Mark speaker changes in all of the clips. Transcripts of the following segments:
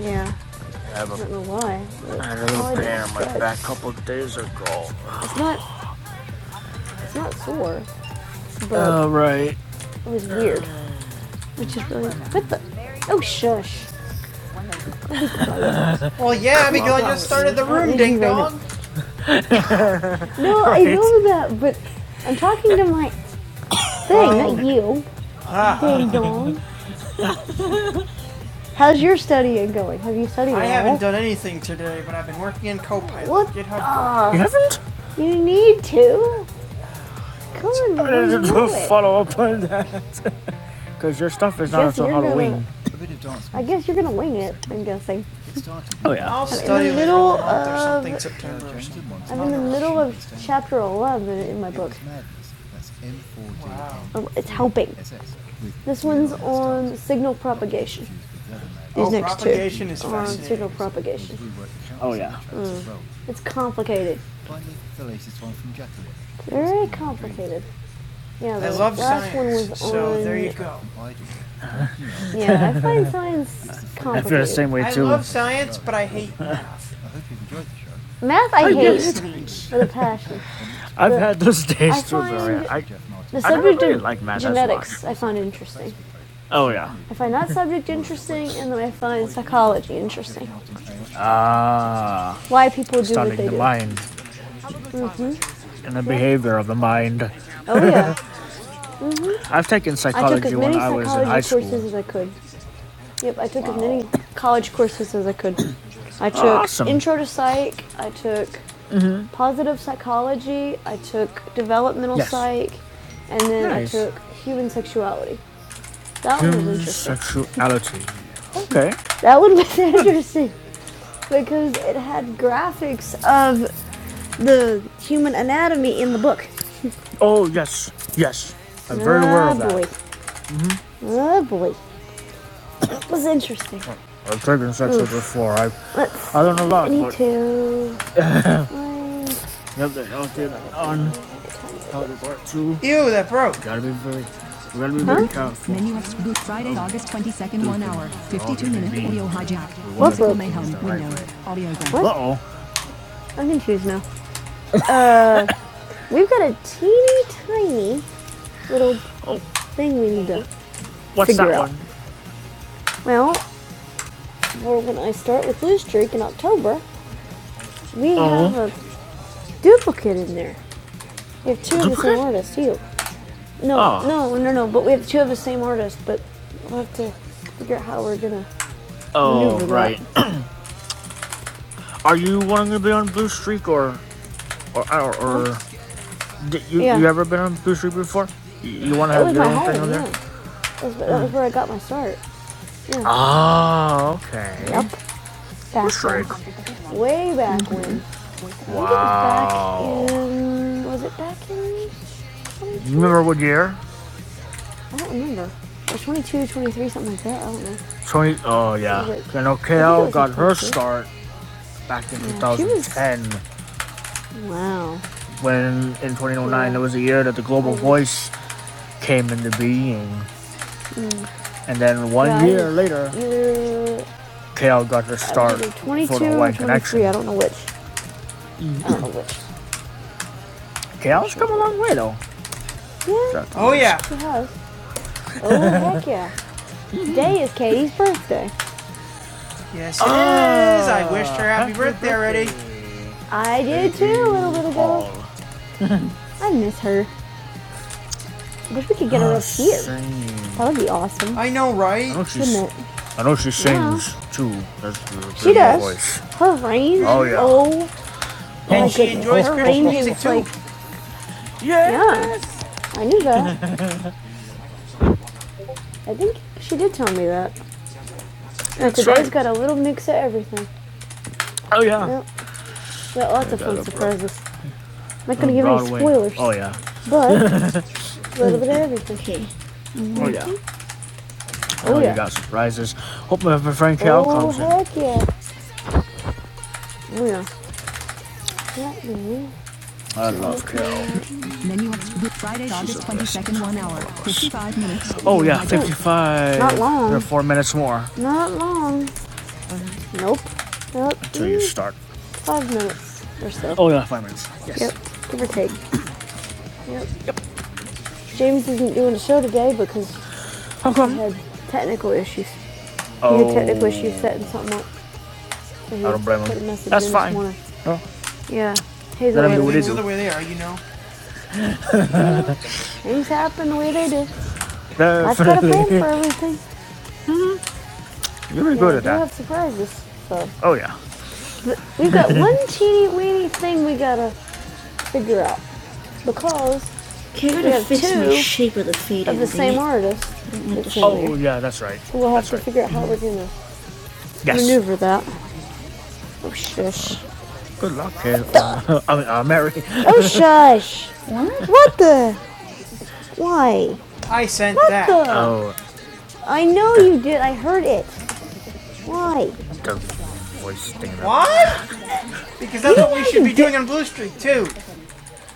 Speaker 1: Yeah, I don't know why. I had a little Oh, pain on my back a couple of days ago. It's not, it's not sore, but oh, right. it was weird, which is really. What the? Oh shush! Well, yeah, because I just started the room, ding right dong. now. No, right. I Right. know that, but I'm talking to my thing, not you. uh-huh. Ding dong. How's your studying going? Have you studied I at haven't done anything today, but I've been working in Copilot. What? GitHub. Ah, You haven't? you need to. Come on, I didn't follow up on that. Because your stuff is not until you're Halloween. Gonna, I guess you're gonna wing it. I'm guessing. Yeah. I'll the study later middle on if there's something of- September. I'm in the middle of chapter 11 in my. Oh, it's helping. This one's on signal propagation. These Oh, next propagation two is are on signal propagation. It's complicated. Very complicated. Yeah, the I love last one science, was so on. there you go. Yeah, I find science complicated. I feel the same way too. I love science, but I hate math. Math I I hate with a passion. I've but had those days too, I, The subject I really subject of like math genetics I find interesting. oh yeah. I find that subject interesting, and then I find psychology interesting. Ah, Uh, Why people do what they do. studying the mind and the yeah. behavior of the mind. Oh yeah, I've taken I took as psychology many when I was in high school. I took as many psychology courses as I could. Yep, I took wow. as many college courses as I could. I took Awesome. intro to psych. I took positive psychology, I took developmental Yes. psych, and then Nice. I took human sexuality. That human one was Human interesting. sexuality. Okay. That one was interesting because it had graphics of the human anatomy in the book. Oh yes, yes. I'm oh, very aware oh of that. boy. Oh boy. That was interesting. I've taken sex ed before. I Let's I don't know a lot, me but too. Mine- yep, they all did part two. Ew, that broke. Gotta be very, gotta be very careful. Menu of Spook Friday, August 22nd, 1 hour, 52 minute audio hijack. What Musical book? mayhem, window, audiogram. Uh oh. I'm confused now. We've got a teeny tiny little thing we need to What's figure that out. one? Well, we're gonna start with blue Streak in October. We Oh. have a duplicate in there. We have two of the same artist too. No, Oh. no, no, no. But we have two of the same artist. But we'll have to figure out how we're gonna. Oh, maneuver right. Are you wanting to be on Blue Streak or or or, or did you Yeah. you ever been on Blue Streak before? You, you want to have your my own home, thing on Yeah. there? That was, that mm. was where I got my start. Yeah. Oh, okay. Yep. Back Shrek. Way back when. Wow. I think it Wow. was back in. Was it back in? 22? You remember what year? I don't remember. It was 22, 23, something like that. I don't know. Twenty. Oh yeah. Was it- I know KL got her start back in yeah, two thousand ten. she was- 2010. Wow. when in 2009 there was a year that the global voice came into being and then one Yeah, year later Either kl got her start either for the white 23. I don't know which. I don't know which. kl's come a long way though Yeah, Oh yeah. she has. Oh, heck yeah. Today is Katie's birthday. Yes it oh, is. I wished her happy happy birthday already. I did too a little bit ago. I miss her. I Wish we could get her up here. That would be awesome. I know, I right? I know not she's. it? I know she sings yeah. too. That's the She does. voice. Her range. Oh, yeah. Oh, And she goodness. enjoys her Christmas range music, is too. like, yes! yeah. I knew that. I think she did tell me that. And today's right. got a little mix of everything. Oh yeah. Yep, got lots I of Yeah, fun surprises. I'm not gonna give any spoilers, Oh yeah. but a little bit of everything. Okay. Oh yeah. Oh, Oh, yeah. You got surprises. Hope my friend Cal oh comes in. Oh, heck yeah! Oh yeah. Yeah, yeah, Menu extra Friday, August 22nd, 1 hour, 55 minutes. Oh yeah, 55. Not long. There are four minutes more. Not long. Nope. Nope. Until you start. Five minutes or so. Oh yeah. Yes. Yep. Give or take. Yep. James isn't doing a show today because Okay. he had technical issues. He Oh. He had technical issues setting something up. So I don't blame him. That's fine. Oh. Yeah. He's Let him do what he from do. the way they are, you know. Things happen the way they do. I've got a plan for everything. You're really Yeah, good we at that. We have surprises. So Oh yeah. we've got one teeny weeny thing we gotta figure out because Care We have two shape of the fade of the same artist. Oh yeah, that's right. So We'll have that's to right. figure out how we're gonna Yes. maneuver that. Oh shush! Good luck, uh, I mean, uh, Mary. Oh shush! What the? Why? I sent What that. the? Oh, I know you did. I heard it. Why? the voice thing. What? Because that's you what we should be doing on Blue Streak too.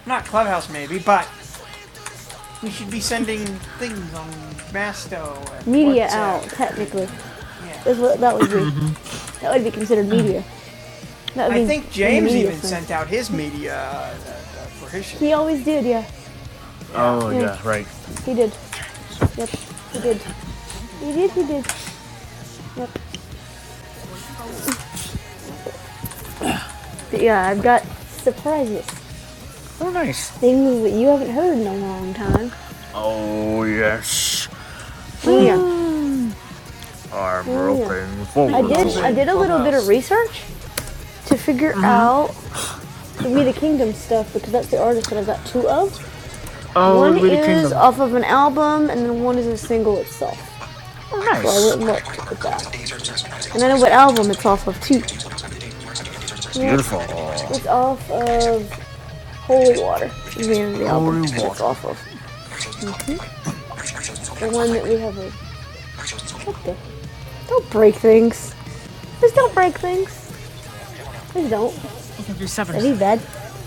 Speaker 1: Not Clubhouse, maybe, but we should be sending things on Masto. And Media WhatsApp. out, technically, Yeah. is what that would be. that would be considered media. That would I be think James even thing. sent out his media uh, uh, for his show. He always did, yeah. Oh Yeah. yeah, right. He did. Yep. He did. He did. He did. Yep. Yeah, I've got surprises. Oh nice. Things that you haven't heard in a long time. Oh yes. Yeah. I'm oh, yeah. roping forward. I did. I did a little bit of research to figure uh-huh. out We the Kingdom stuff because that's the artist that I've got two of. Oh, One We the Kingdom. One is off of an album, and then one is a single itself. Nice. So I Nice. went and looked at that. And I know what album it's off of too. Yeah, Beautiful. It's off of Holy Water. is The, end of the album Holy Water. It's off of the one that we have. A, what the? Don't break things. Just don't break things. Please don't. Really bad.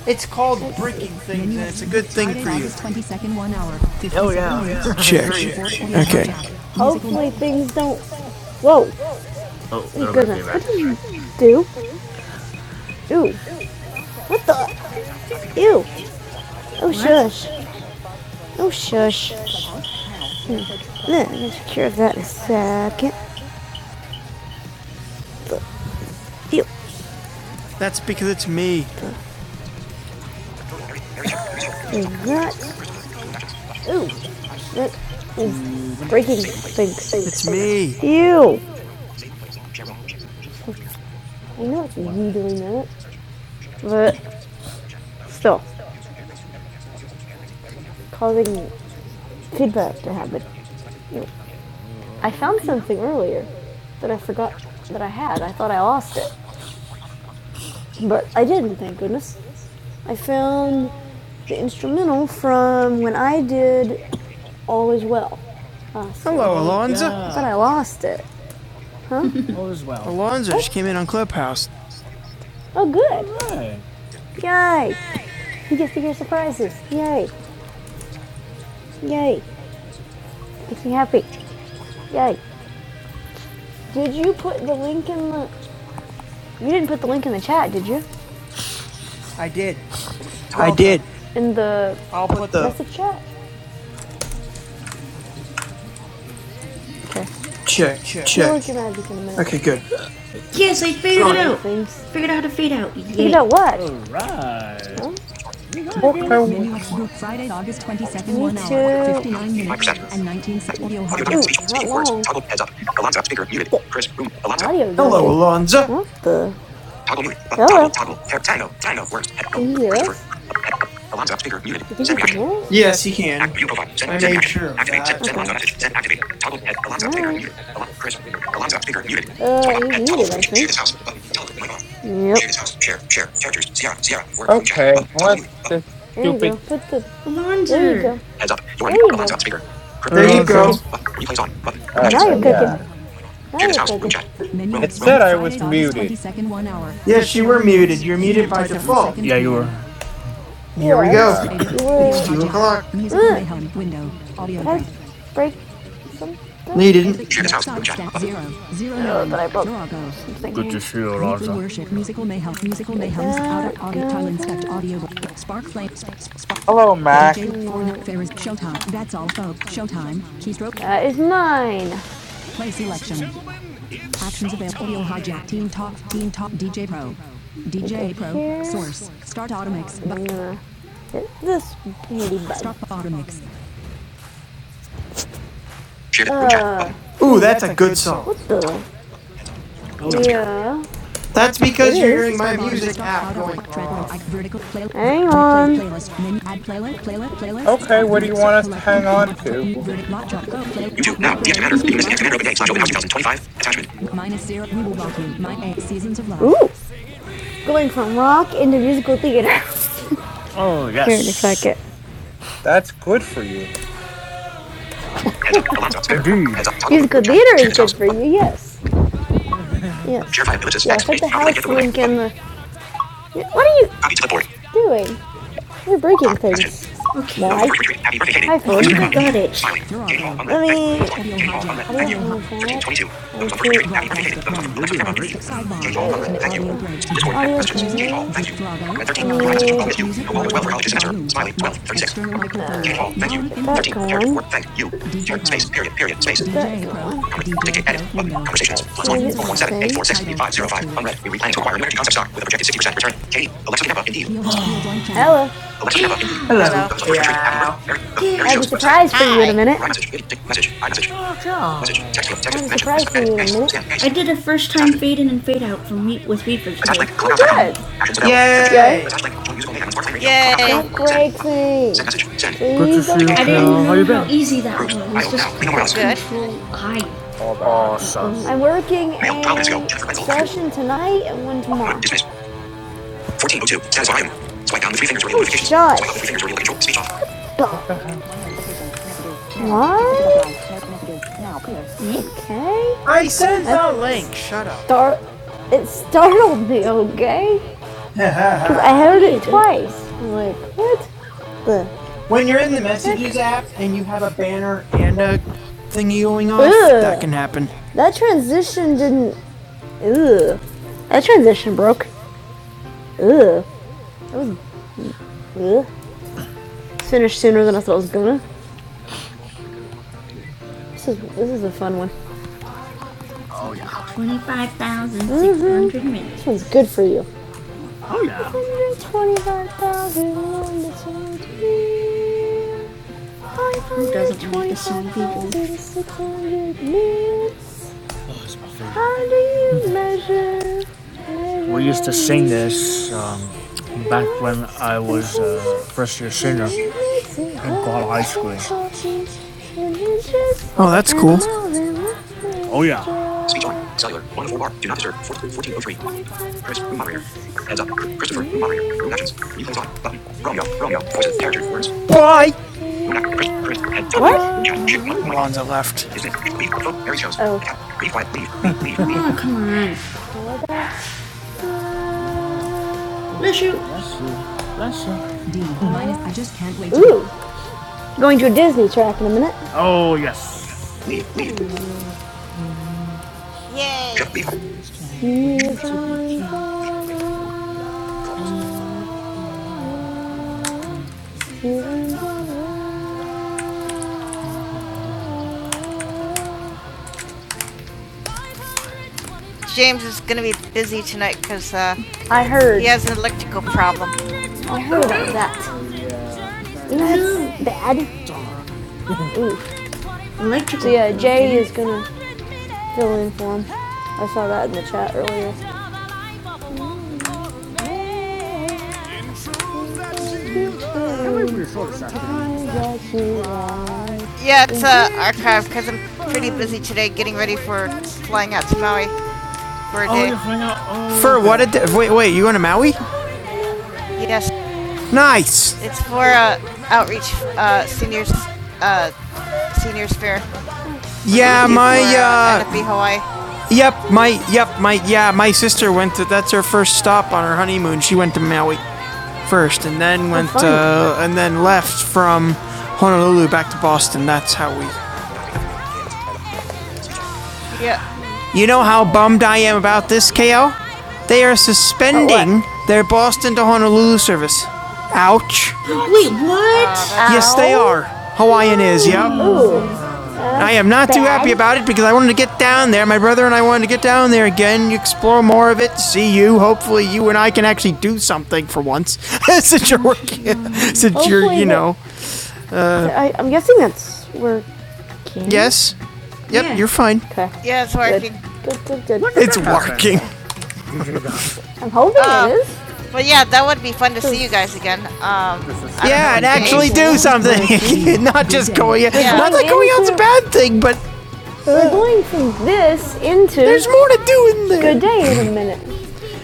Speaker 1: It's called breaking things, and it's a good thing for you. Oh, yeah, Check. Okay. Hopefully things don't. Whoa! Oh, my goodness! What did you do? Ew! What the? Ew! Oh shush! Oh shush! Let me take care of that in a second. ew! That's because it's me. Is that? Ew! That is breaking things. It's me. Ew! I know it's you doing that, but still. causing feedback to happen. I found something earlier that I forgot that I had. I thought I lost it, but I didn't, thank goodness. I found the instrumental from when I did All Is Well. Uh, so Hello, Alonzo. I thought I lost it. Alonzo just came in on Clubhouse. Oh, good. Yay. You get to hear surprises. Yay. Yay. Makes me happy. Yay. Did you put the link in the... You didn't put the link in the chat, did you? I did.
Speaker 2: I did
Speaker 1: In the... I'll
Speaker 2: put
Speaker 1: put
Speaker 2: the
Speaker 1: The chat. Okay.
Speaker 2: check.
Speaker 1: Check, check. Check. I'll work magic in a minute.
Speaker 2: Okay,
Speaker 1: Okay,
Speaker 2: good.
Speaker 1: good. Yes, I figured it out. Things. Figured out how to fade out. Yay. You know what? Alright.
Speaker 3: Okay,
Speaker 1: Menu execute Friday, August 22nd, 1 hour, 59
Speaker 2: Five
Speaker 1: minutes,
Speaker 2: percent.
Speaker 1: and 19 seconds. Audio Ooh,
Speaker 2: Audio docket. Speech.
Speaker 1: hijack. Ooh,
Speaker 2: Speaking
Speaker 1: not
Speaker 2: words.
Speaker 1: long.
Speaker 2: Toggle. Heads up. Alonzo. Speaker. Muted. Chris. Room. Alonzo.
Speaker 1: Audio done.
Speaker 2: Hello, Alonza.
Speaker 1: The
Speaker 2: Toggle mute. Button, toggle,
Speaker 1: hello.
Speaker 2: toggle. Tab, tag of, tag words. Head,
Speaker 1: Can you hear
Speaker 2: Christopher.
Speaker 1: us?
Speaker 2: Alonzo, speaker, muted.
Speaker 1: You think
Speaker 2: Send
Speaker 1: you can hear
Speaker 2: reaction.
Speaker 1: us?
Speaker 2: Yes, he can. Act, view profile. Send, I send made reaction. sure of activate. Send, that. send send Alonzo message. Send, activate. Toggle, head, Alonzo, speaker,
Speaker 1: Alright.
Speaker 2: muted. Alon, Chris. Alonzo, speaker, muted.
Speaker 1: Uh,
Speaker 2: Swipe up,
Speaker 1: he's
Speaker 2: head, toggle,
Speaker 1: muted, I
Speaker 2: room,
Speaker 1: think.
Speaker 2: share this house. Button, toggle, mic on.
Speaker 1: Yep.
Speaker 2: Share this house. Share, share, characters. Sierra, Sierra, word, room chat.
Speaker 3: okay.
Speaker 2: Button, toggle
Speaker 3: What
Speaker 2: mute. Button,
Speaker 3: this
Speaker 1: There you go.
Speaker 3: stupid?
Speaker 1: Put the. laundry. There
Speaker 2: heads up. You're on mute.
Speaker 1: you Alonzo. go.
Speaker 2: Alonzo, speaker. Chris, There
Speaker 1: There
Speaker 2: you
Speaker 1: you go.
Speaker 2: go. Button, replays on. Button, room actions.
Speaker 1: Now
Speaker 3: Okay,
Speaker 1: you're
Speaker 3: yeah.
Speaker 1: cooking. Now
Speaker 2: Share this
Speaker 1: you're
Speaker 2: house.
Speaker 1: cooking.
Speaker 2: Room chat.
Speaker 1: Menu
Speaker 2: Room,
Speaker 3: It
Speaker 2: room.
Speaker 1: execute
Speaker 3: said I
Speaker 1: Friday,
Speaker 3: was
Speaker 1: August
Speaker 3: muted.
Speaker 1: 22nd, 1 hour,
Speaker 2: Yes, you were muted. You're muted by
Speaker 1: by
Speaker 2: default.
Speaker 1: default. Yeah, you were.
Speaker 2: Here we
Speaker 1: Yeah.
Speaker 2: go.
Speaker 1: Here we
Speaker 3: Uh,
Speaker 1: Go.
Speaker 2: It's two o'clock.
Speaker 1: Music play home window. Audio Can I break. break something?
Speaker 2: No, you didn't. Share this house. Room chat.
Speaker 1: Stat
Speaker 2: Button.
Speaker 1: zero. Zero nine. No, nine. Good to see you, Weekly Raza. worship. Musical mayhem. Musical mayhem's out of audio tile inspect audio. Spark flame. Spark.
Speaker 3: hello,
Speaker 1: DJ
Speaker 3: Mac.
Speaker 1: for the fair is showtime. That's all folks. Showtime. Keystroke. That is mine. Play selection. Options available. Audio hijack. Team Talk. Team Talk. DJ Pro. DJ Pro. Source. Start Automix. Bu- Uh, this handy button. Stop Automix.
Speaker 2: Share it. Room chat.
Speaker 1: Uh,
Speaker 2: Button. Ooh, that's a good song.
Speaker 1: what the?
Speaker 2: Toggle. Sound speaker.
Speaker 1: Yeah, it
Speaker 2: That's because
Speaker 1: Because
Speaker 2: you're
Speaker 1: you're
Speaker 2: hearing
Speaker 1: hearing my
Speaker 2: my
Speaker 1: music
Speaker 2: music
Speaker 1: app
Speaker 2: app going
Speaker 1: going track
Speaker 2: off.
Speaker 1: Hang on. Playlist. add playlist. Playlist. Playlists.
Speaker 3: Okay,
Speaker 1: Out
Speaker 3: what do
Speaker 1: verdict.
Speaker 3: you want us to
Speaker 1: Collect. Com-
Speaker 3: hang on
Speaker 1: what- tr-
Speaker 3: to?
Speaker 1: mute, verdict. Lock. Chop. Play.
Speaker 2: YouTube. Now. DS Commander. The unit commander open day. Slash open house 2025. Attachment.
Speaker 1: Minus zero. We will rock you. My eight seasons of love. Ooh, going from rock into musical theater. Oh, yes. Here in a second.
Speaker 3: That's good for you.
Speaker 2: Heads up. Alarm sound speaker.
Speaker 1: Indeed.
Speaker 2: Heads up. Toggle mute.
Speaker 1: Musical
Speaker 2: Room chat.
Speaker 1: theater
Speaker 2: Share
Speaker 1: is
Speaker 2: this
Speaker 1: good
Speaker 2: house.
Speaker 1: for you,
Speaker 2: Button.
Speaker 1: yes.
Speaker 2: Share
Speaker 1: Yes.
Speaker 2: five ellipsis.
Speaker 3: Yeah,
Speaker 2: X. Copy link. Get the room link.
Speaker 1: Slink in
Speaker 2: Button.
Speaker 1: the. yeah, What are you
Speaker 2: Copy to clipboard.
Speaker 1: doing? You're
Speaker 2: Doc.
Speaker 1: breaking
Speaker 2: Messages.
Speaker 1: things. Okay.
Speaker 2: Those on
Speaker 1: Why?
Speaker 2: first retreat. Happy birthday, Katie.
Speaker 1: I iPhone.
Speaker 2: Alexa
Speaker 1: think I
Speaker 2: Geneva, indeed.
Speaker 1: got it.
Speaker 2: Smiley. Katie Hall, unread.
Speaker 1: Let
Speaker 2: Thank you.
Speaker 1: me.
Speaker 2: Plus one.
Speaker 1: Audio
Speaker 2: Katie Hall, unread.
Speaker 1: hijack. Audio
Speaker 2: Thank you.
Speaker 1: Audio on that.
Speaker 2: 1322. Those
Speaker 1: And
Speaker 2: on first
Speaker 1: two.
Speaker 2: retreat. Happy birthday, Katie.
Speaker 1: hi-
Speaker 2: Those
Speaker 1: one.
Speaker 2: on Alexa Geneva, indeed. Katie Hall,
Speaker 1: Sidebar.
Speaker 2: unread.
Speaker 1: An
Speaker 2: Thank you.
Speaker 1: audio break.
Speaker 2: Discord, net
Speaker 1: Audio Click
Speaker 2: messages.
Speaker 1: music.
Speaker 2: Katie Hall,
Speaker 1: break.
Speaker 2: thank
Speaker 1: Deep
Speaker 2: you.
Speaker 1: Virago. I
Speaker 2: Red 13. You write message. I'll miss you.
Speaker 1: music.
Speaker 2: Hope all goes well
Speaker 1: Microphone.
Speaker 2: for college this semester.
Speaker 1: Volume.
Speaker 2: Smiley. 12 36.
Speaker 1: External microphone.
Speaker 2: Katie Hall, thank
Speaker 1: Now
Speaker 2: you.
Speaker 1: Get input. that
Speaker 2: 13. Character
Speaker 1: going.
Speaker 2: four. Thank you. Char-
Speaker 1: DJ.
Speaker 2: space. Period. Period. Space. Conver- dictate. Edit. Button.
Speaker 1: Window.
Speaker 2: Conversations.
Speaker 1: Do
Speaker 2: Plus one.
Speaker 1: Seasons
Speaker 2: 417 846 8505. Unread. We replan to acquire new energy concept stock with a projected 60% return. Katie. Alexa Geneva, indeed.
Speaker 1: Blank Channel. Hello.
Speaker 2: Alexa Tampa, Indeed. Hello. Yeah. Very
Speaker 1: I have a
Speaker 2: shows website.
Speaker 1: surprise for Hi. you in a minute.
Speaker 2: Write message. video, message, iMessage, message, text field,
Speaker 1: I
Speaker 2: text,
Speaker 1: have a
Speaker 2: mention, miss,
Speaker 1: surprise for
Speaker 2: edit,
Speaker 1: you in a
Speaker 2: paste,
Speaker 1: minute.
Speaker 2: scan, paste,
Speaker 1: I did a first time
Speaker 2: attachment,
Speaker 1: fade in and fade out from Wee- with Weaver today.
Speaker 2: attach link,
Speaker 1: Oh,
Speaker 2: clubhouse.com.
Speaker 1: good.
Speaker 2: Actions available. Yay.
Speaker 1: Yay.
Speaker 2: Attach link, join musical mayhem on Smartplay Radio, clubhouse.com,
Speaker 1: Don't
Speaker 2: send,
Speaker 1: break
Speaker 2: button,
Speaker 1: me.
Speaker 2: send message, send,
Speaker 1: Please don't break me.
Speaker 2: dictate,
Speaker 1: I didn't
Speaker 2: button,
Speaker 1: Well, how you how been? easy that
Speaker 2: groups, IO,
Speaker 1: was.
Speaker 2: now, Lino
Speaker 1: Good.
Speaker 2: Morales,
Speaker 1: Control I.
Speaker 3: hold on.
Speaker 1: Awesome. I'm working a
Speaker 2: mail, 12 minutes ago, Jennifer Wenzel, actor,
Speaker 1: session tonight and one tomorrow.
Speaker 2: dismiss, 1402, status bar item, swipe down with three fingers, radio
Speaker 1: Oh,
Speaker 2: notifications, swipe up
Speaker 1: shush.
Speaker 2: with three fingers, radio control, speech off.
Speaker 3: What the heck?
Speaker 1: What? Okay.
Speaker 2: I
Speaker 1: I sent
Speaker 2: sent
Speaker 1: That's the
Speaker 2: the link.
Speaker 1: link. Shut up. Start. it startled me, okay?
Speaker 2: Ha ha ha.
Speaker 1: Because uh-huh. I heard it twice. I'm like, what? Ugh.
Speaker 2: When
Speaker 1: When
Speaker 2: you're
Speaker 1: you're
Speaker 2: in
Speaker 1: in
Speaker 2: the
Speaker 1: the messages
Speaker 2: messages app and you have a banner and
Speaker 1: and
Speaker 2: a
Speaker 1: a
Speaker 2: thingy
Speaker 1: thingy
Speaker 2: going
Speaker 1: going off,
Speaker 2: off,
Speaker 1: Ugh.
Speaker 2: that
Speaker 1: that
Speaker 2: can
Speaker 1: can
Speaker 2: happen.
Speaker 1: happen. That transition didn't. Ugh. That transition broke. Ugh. Ugh. Finished sooner than I thought I was gonna. This is this is a fun one. 25,600 minutes. This one's good for you. 125,000 Who doesn't want the see people? How do you measure? We used to sing this um, back when I was a first year senior in Guadalajara High School. Oh,
Speaker 2: Oh, that's
Speaker 1: that's cool.
Speaker 2: cool.
Speaker 1: Oh, yeah.
Speaker 2: Speech on. Cellular. One of four bar. Do not disturb. 1403. Chris, room moderator. Heads up. Christopher, room moderator. Room actions. Replays on. Button. Romeo. Romeo. Voices. Characters. Words. Bye.
Speaker 1: Bye.
Speaker 2: Room act. Chris. Chris. Head. Toggle mute. Room
Speaker 1: What?
Speaker 2: chat. Shift. mute. And Mic on.
Speaker 1: Alonzo
Speaker 2: on
Speaker 1: left.
Speaker 2: Dismiss. Leave. Phone. Mary shows.
Speaker 1: Oh.
Speaker 2: Attack. Leave quiet. Leave. Leave. Leave. Leave.
Speaker 1: Shoot. That's it. I just can't wait. Ooh. Going to a Disney track in a minute. Oh, yes.
Speaker 2: Leave. Leave. Leave.
Speaker 1: James is going to be busy tonight because uh, I heard. he has an electrical problem. I heard about that. You know, it's bad. So Yeah, it's uh, archive because I'm pretty busy today getting ready for flying out to Maui for a day. For what? A day? wait, wait. You going to Maui? Yes, Nice. it's for uh, outreach uh, seniors uh, seniors fair. Yeah, my for, uh, NFB Hawaii. yep, my yep, my yeah, my sister went to. That's her first stop on her honeymoon. She went to Maui first, and then went uh, and then left from Honolulu back to Boston. That's how we. Yeah, You know how bummed I am about this, KO? They are suspending their Boston to Honolulu service. Ouch. Ow. Yes, they are. Hawaiian is, yep. Ooh, I am not bad. too happy about it because I wanted to get down there. My brother and I wanted to get down there again, explore more of it, see you. Hopefully, you and I can actually do something for once since you're working, since Hopefully you're, you know. I, I'm guessing that's working. Yes? Yep, Yeah. you're fine. Okay. Yeah, it's working. Good, good, good. good. It's working. I'm hoping Uh, it is. But yeah, that would be fun to see you guys again. Um, Yeah, and actually do something. not just going. out. Yeah. Not that going out's a bad thing, but We're uh, going from this into there's more to do in there. good day in a minute.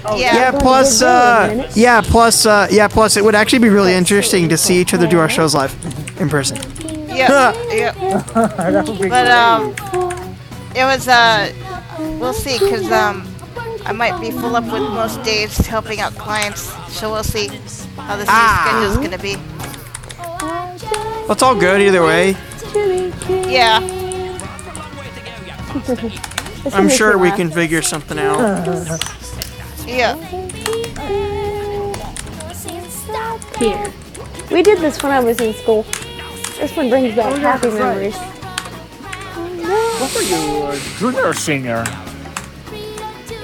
Speaker 1: Oh, Yeah. Yeah, plus, uh, yeah, plus, uh, yeah, plus, it would actually be really interesting to see each other do our shows live in person. Yeah, yeah. But um, it was uh, We'll see, cause um, I might be full up with most days helping out clients, so we'll see how this Ah. new schedule's gonna be. That's all good either way. Yeah, I'm sure we can figure something out. yeah. Here. We did this when I was in school. This one brings back happy memories. What are you, a junior or senior?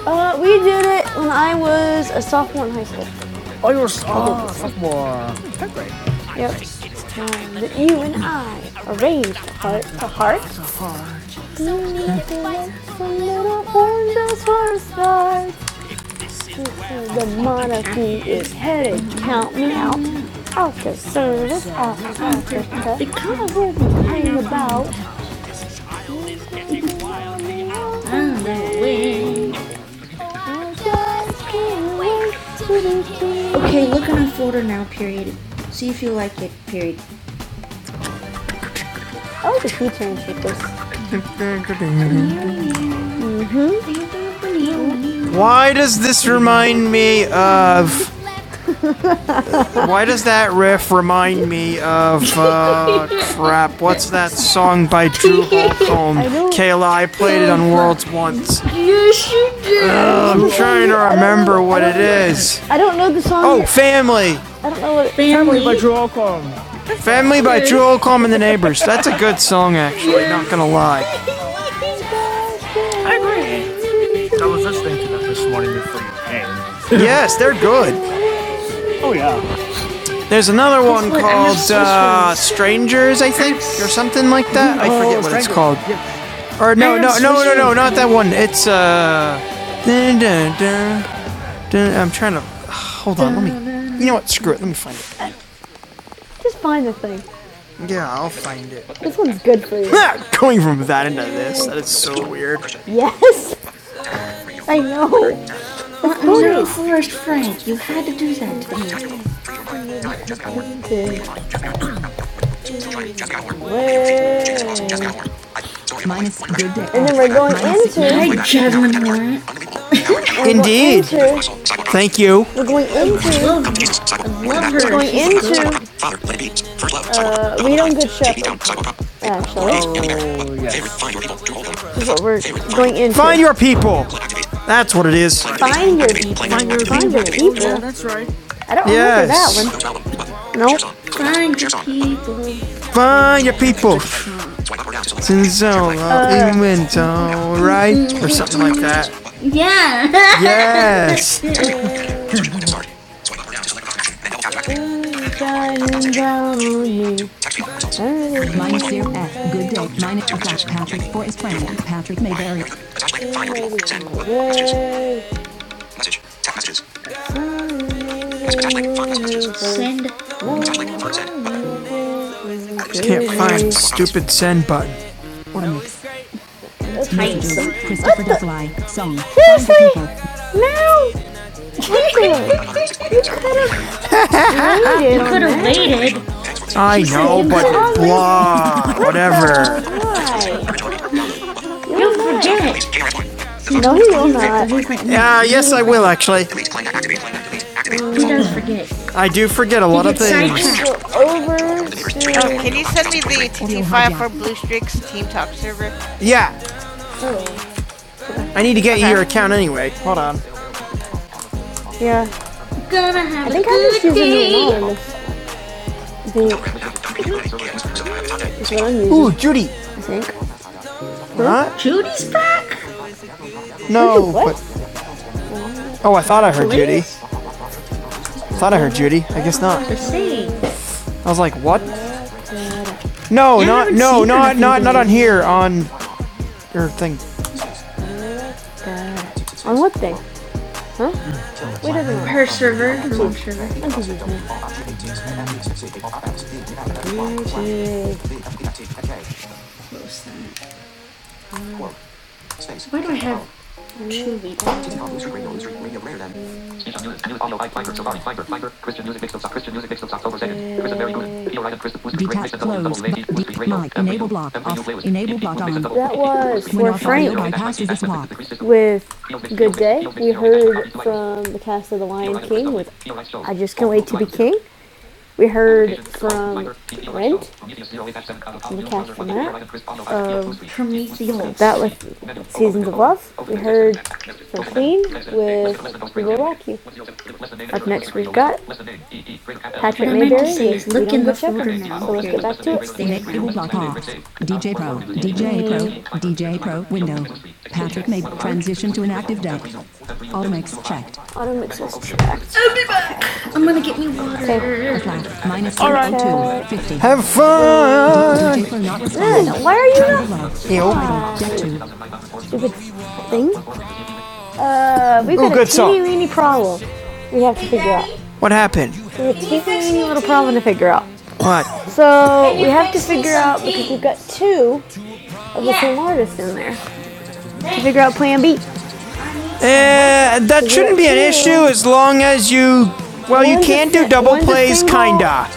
Speaker 1: Uh, we did it when I was a sophomore in high school. Oh, you're a sophomore. Yep. Um, that you and I arrange heart to heart. You need to let some little angels for a start. The monarchy is headed to service of your Okay, look in a folder now, period. See if you like it, period. I was a teacher and she Why does this remind me of Why does that riff remind me of uh, crap? What's that song by Drew Holcomb? Kayla, I played it on Worlds once. Yes, you did. Uh, I'm trying to remember what it is. I don't know the song. Oh, Family. I don't know what it is. Family by Drew Holcomb. Family by Drew Holcomb and the Neighbors. That's a good song, actually. Not gonna lie. I agree. I was listening to that this morning before you came. Yes, they're good. Oh yeah. There's another one called uh, Strangers, I think, or something like that. I No, forget what it's called. Yeah. Or no, no, no, no, no, not that one. It's uh, I'm trying to. Hold on, let me. You know what? Screw it. Let me find it. Just find the thing. Yeah. This one's good for you. Going from that into this, that is so weird. yes, I know. I'm Forest Frank. You had to do that to me. Minus your day. And then we're going into. Hi, Jasmine Indeed. into- Thank you. We're going into. We don't good shepherd, actually. This is what we're going into. Find your people. That's what it is. Find your people. Find your, find your people. I don't Yes. remember that one. Nope. Find your people. Find your people. Since so in went all right, or something like that. Yeah. Yes. Minus zero F. Good day. Minus a Patrick for his friend. Patrick Mayberry. Send. Just Can't find the stupid send button. Or mix. Christopher the Fly song. I know, but blah, whatever. Yeah, yes, I will actually. I do forget a lot of things. Oh, Can you send me the T T file for Blue Streak's Team Talk server? Yeah, I need to get okay. you your account anyway. Hold on. Ooh, Judy. Huh? Judy's back? No. What? but- oh, I thought I heard Judy. I Thought I heard Judy. I guess not. I was like, what? No, not not no, not not not on here on your thing. On what thing? Wait a minute. Her server, her own server. I have two leaks. right Detach Mix and Enable block off. Enable block on. That was Great for Frank. With Good Day, we heard from the cast of The Lion King with I Just Can't Wait to Be King. We heard from Brent, the cast from that, of Prometheus. that was Seasons of Love. We heard from Queen with We Will Rock You. Up next, we've got Patrick Mayberry. say is look in the do folder now. So let's get back to it. Stay.google.com. DJ Pro, DJ Pro, DJ Pro, window. Patrick may transition to an active deck. Automix checked. Auto mixes All right. Have fun! DJ Why are you not? Ew. Deck two. Stupid thing. Uh, we've got Ooh, a teeny weeny problem we have to figure out. What happened? We have a teeny weeny little problem to figure out. What? So we have to figure out because we've got two of the same artists in there to figure out Plan B. Uh, that shouldn't be an issue as long as you. Well, you can do si- double plays, kinda.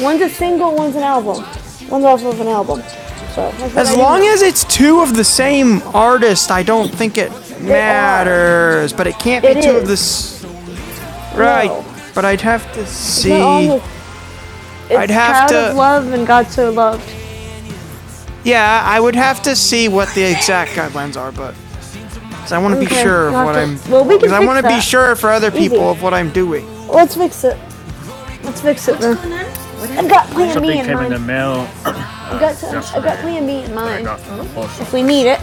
Speaker 1: One's a single, one's an album. One's off of an album. So As long as it's two of the same artist, I don't think it matters. But it can't be two of is. the right. No. But I'd have to see. it's I'd have to. Proud Of love and God so loved. Yeah, I would have to see what the exact guidelines are, but 'cause I want to be Okay, sure of what I'm. well, we can fix that. because I want to be sure for other people of what I'm doing. Let's fix it. Let's fix it then. I've got plan B Something in came in the mind. mail. I've got, I've got plan B in mind. We need it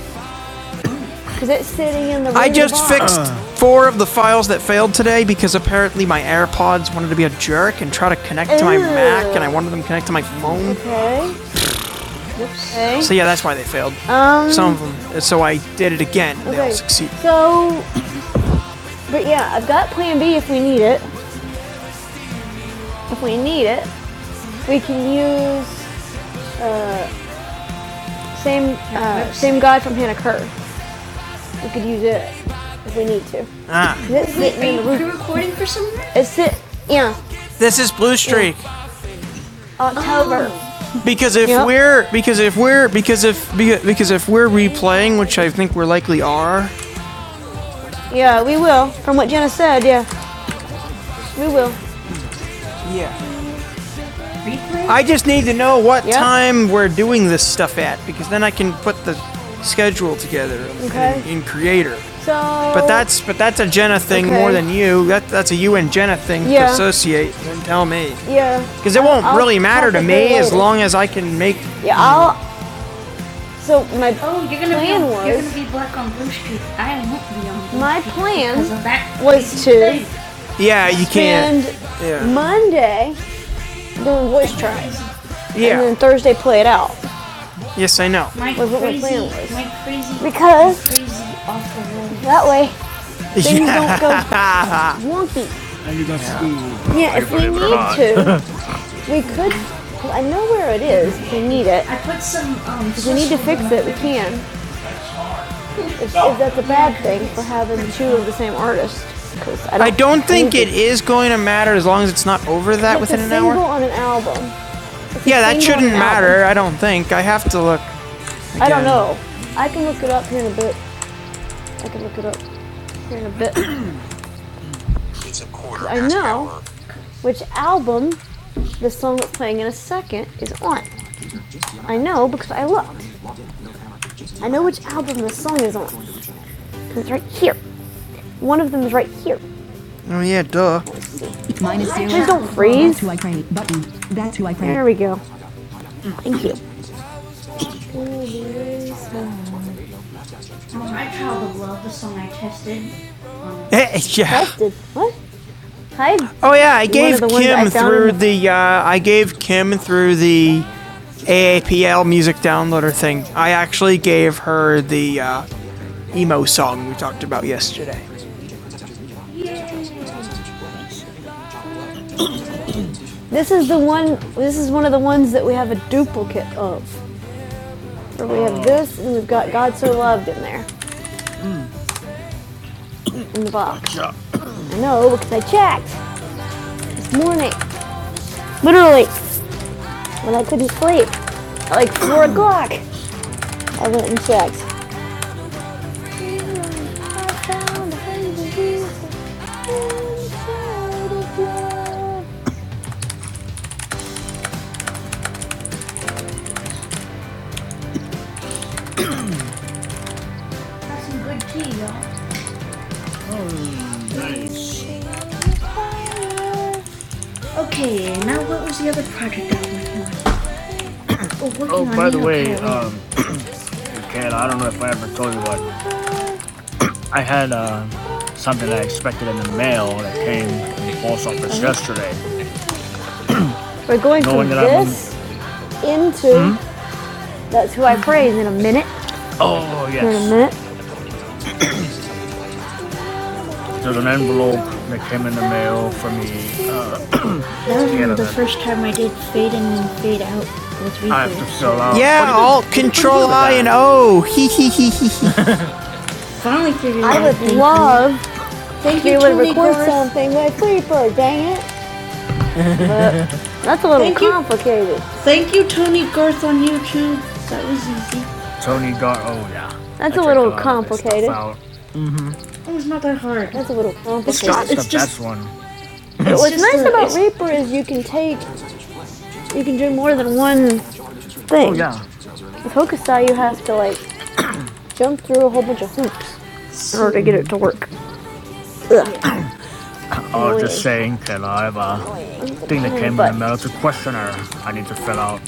Speaker 1: because it's sitting in the. I just box. fixed uh. four of the files that failed today because apparently my AirPods wanted to be a jerk and try to connect Ew. to my Mac, and I wanted them to connect to my phone. Okay. Oops. Okay. So yeah, that's why they failed. Um. Some of them. So I did it again. and okay. They all succeeded. So, but yeah, I've got Plan B if we need it. If we need it, we can use same uh, same guy from Hannah Kerr. We could use it if we need to. Ah, Is it Are you the recording for somewhere? It's it. Yeah. this is Blue Streak. Yeah. October. Oh. Because if Yep. we're because if we're because if because if we're replaying, which I think we're likely are. Yeah, we will. From what Jenna said, yeah, we will. Yeah. I just need to know what Yeah. time we're doing this stuff at because then I can put the schedule together Okay. in, in Creator. So. But that's but that's a Jenna thing okay. more Okay. than you. That that's a you and Jenna thing yeah. to Yeah. associate. Then tell me Yeah. because it won't I'll really matter to me as long as I can make. Yeah. I'll. So my Oh, you're gonna plan be plan you're gonna be black on Blue Street. I won't be on Blue My Street plan because of that was to- Yeah, you can't. Yeah. Monday doing voice tries. Yeah. And then Thursday play it out. Yes, I know. My Was crazy, what my plan was. my crazy, Because- my crazy That way things yeah. don't go Yeah. wonky. Yeah, I if we need to, we could. Well, I know where it is. If we need it, I put some. Um, if we need to fix it, we can. If, oh. if that's a bad thing for having two of the same artist. I don't I don't think it is going to matter as long as it's not over that It's within a an hour. It's a single on an album. Yeah, that shouldn't matter. I don't think. I have to look. again. I don't know. I can look it up here in a bit. I can look it up. in a bit. I know which album the song that's playing in a second is on. I know because I looked. I know which album the song is on. 'cause It's right here. One of them is right here. Oh yeah, duh. Minus zero. Please don't freeze. That's who I pray. Button. That's who I pray. There we go. Thank you. My child would love the song I tested. Hey, yeah. Tested. What? Hi. Oh yeah, I gave Kim through the uh, I gave Kim through the AAPL music downloader thing. I actually gave her the uh, emo song we talked about yesterday. This is the one. This is one of the ones that we have a duplicate of. Where we have this, and we've got "God So Loved" in there in the box. I know because I checked this morning, literally when I couldn't sleep, at like four o'clock. I went and checked. Nice. Now we project that Oh, by the way, um, Kat, I don't know if I ever told you what I had uh, something I expected in the mail that came in the post office okay. yesterday. We're going Knowing from that I'm on- this into hmm? that's who I praise in a minute. Oh yes, In a yes, minute. there's an envelope that came in the mail for me. Uh, That Yeah, was the first time I did fade in and fade out with I have to fill out. Yeah, Alt, Control I and O. Hee hee hee hee. Finally figured it out. I would love if you, would Tony record something with Creeper, dang it. That's a little Thank you. complicated. You. Thank you, Tony Garth on YouTube. That was easy. Tony Garth. Oh yeah. That's I a little lot complicated. out. It was not that hard. That's a little complicated. It's Except just- best one. It's What's just nice a- about Reaper is you can take, you can do more than one thing. Oh, yeah. With Hokusai, you have to like jump through a whole bunch of hoops in order to get it to work. Ugh. Oh, oh just saying that I have a thing that came but. in the But- mail. It's a questionnaire I need to fill out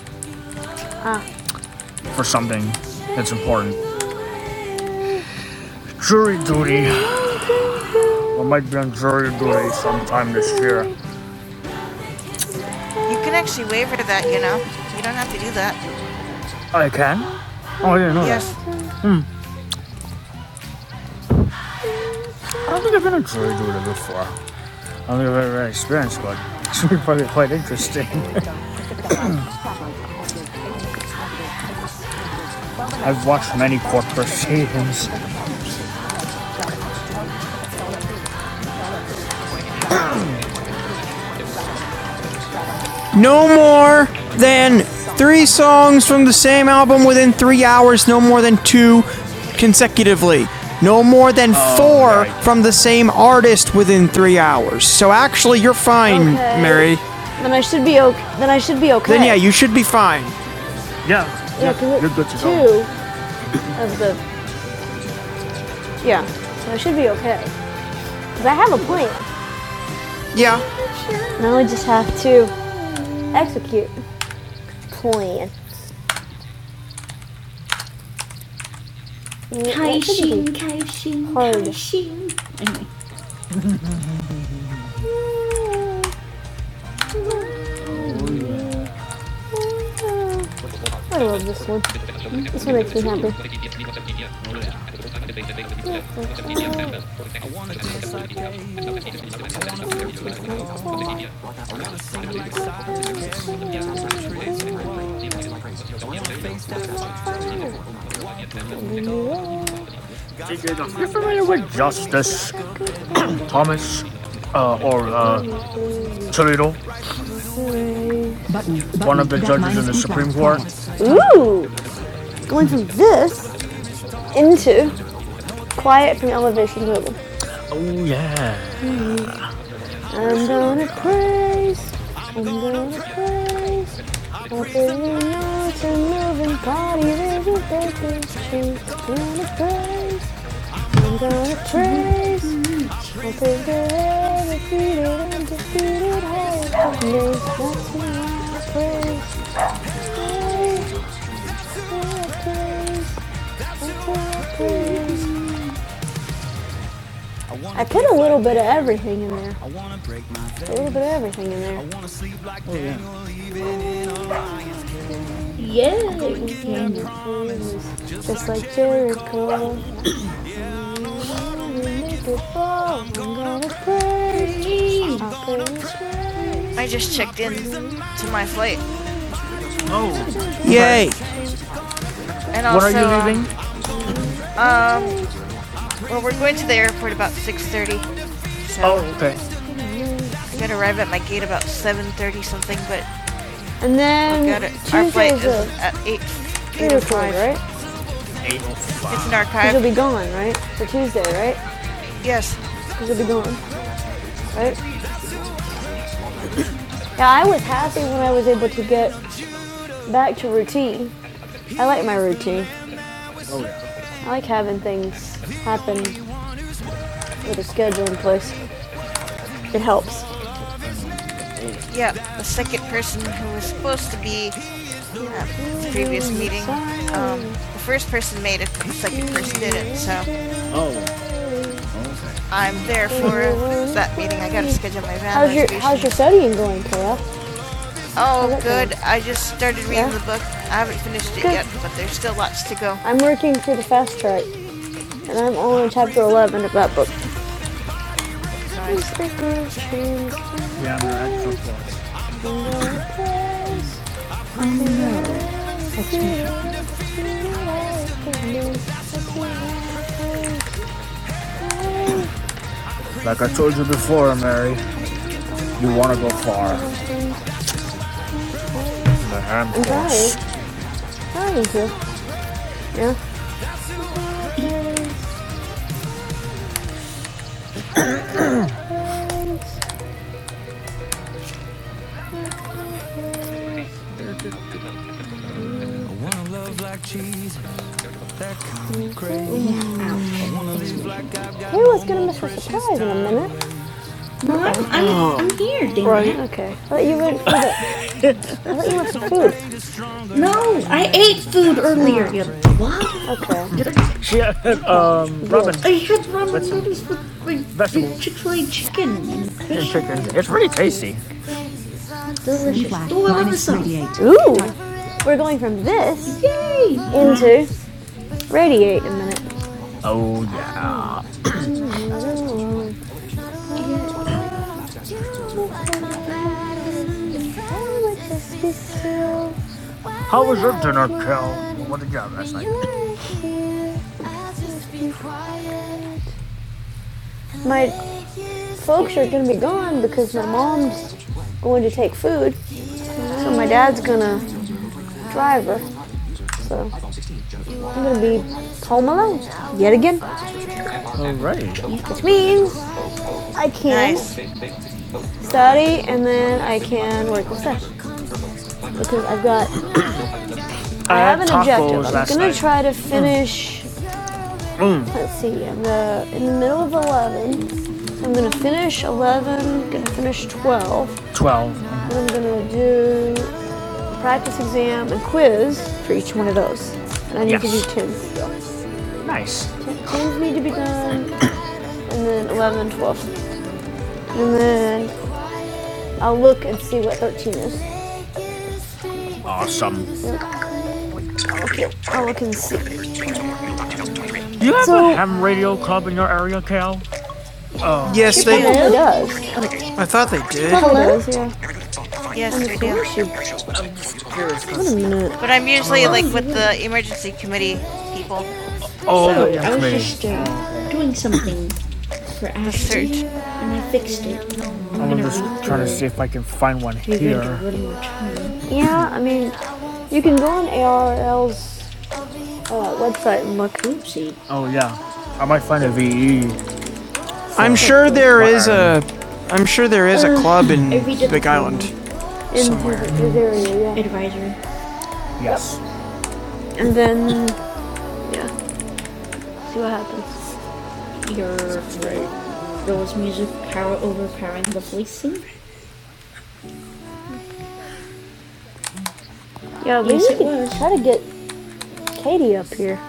Speaker 1: for something that's important. Jury duty. I might be on jury duty sometime this year. You can actually waiver that, you know. You don't have to do that. I can? Oh, yeah, I didn't know Yes. that. I don't think I've been on jury duty before. I don't think I've ever experienced one. It's probably quite interesting. I've watched many court proceedings. no more than three songs from the same album within three hours, no more than two consecutively. No more than oh, four right. from the same artist within three hours. So actually, you're fine, Okay. Mary. Then I should be okay. Then I should be okay. Then yeah, you should be fine. Yeah, Yeah, 'cause yeah it- you're good to two go. of the yeah. So I should be okay. Cause I have a plan. Yeah. Now I just have to execute the plan. 开心，开心，Hard. 开心。I love this one. This one makes me happy. You familiar with Justice Thomas uh, or uh, Toledo? Button, button, One of the judges in the Supreme Court. Ooh, going from this into quiet from elevation to Oval. Oh yeah. I'm gonna praise. I'm gonna praise. I'll be in your moving body, there's a breaking gonna praise. Single praise, I think I defeated, undefeated, hopeless. That's I praise, praise, I praise, that's why I praise. I put a little bit of everything in there, a little bit of everything in there, just like Jericho. Before I'm gonna praise, I praise, I just checked in to my flight, Yay! and When are you um leaving? um well we're going to the airport about 6:30. So Oh, okay. I'm going to arrive at my gate about 7.30 something, but And we then got Our flight is at 8, 8 or Interpol, right? It's an Because archive. you'll be gone, right? For Tuesday, right? yes. Because you'll be gone, right? Yeah, I was happy when I was able to get back to routine. I like my routine. I like having things happen with a schedule in place. It helps. Yeah, the second person who was supposed to be at the previous meeting, um, the first person made it, the second person didn't, so I'm there for that meeting. I gotta schedule my van How's your How's your studying going, Kayla? oh, how's it good. Going? I just started reading yeah. the book. I haven't finished it Good. yet, but there's still lots to go. I'm working for the fast track, and I'm only on chapter 11 of that book. Yeah, I took Like I told you before, Mary, you want to go far. The hand Hi, hi, Angel. Yeah. Kayla's gonna miss her surprise in a minute. Mom, I'm, I'm here, Dana. Right. Okay. But you went for the No, I ate food earlier. You what? Okay. She, had um, Robin, I had ramen What's noodles with like vegetables Chick Fil A chicken and fish. chicken. It's really tasty. Delicious. Oh, minus Ooh. We're going from this Yay! into radiate in a minute. Oh yeah. How was your dinner, Kel? What did you have last night? My folks are gonna be gone because my mom's going to take food, so my dad's gonna drive her. So I'm gonna be home alone yet again, Right. which means I can nice. study and then I can work with stuff because I've got I, I have an objective. I'm gonna night. try to finish. Mm. Let's see, I'm the, in the middle of 11. So I'm gonna finish 11. Gonna finish 12. 12. And I'm gonna do practice exam and quiz for each one of those. And I need Yes. to do 10. Nice. 10s need to be done, and then 11 and 12. And then I'll look and see what 13 is. Okay, I'll look and see. Yes, she they. It does. I thought they did. Hello. does, yeah. Yes, we do. Shoot, Wait a minute. But I'm usually like with the emergency committee people. All Oh, the I was just uh, doing something. for acid, and I fixed it. I'm I'm just trying to see if I can find one here. Yeah, I mean, you can go on ARL's uh, website and look. Oopsie. Oh yeah, I might find a VE. I'm sure there is a, I'm sure there is a club in Big Island somewhere. His yeah. Advisor, Yes. And then, yeah, see what happens. your there music power overpowering the policing. Yeah, Yes, we need to try to get Katie up here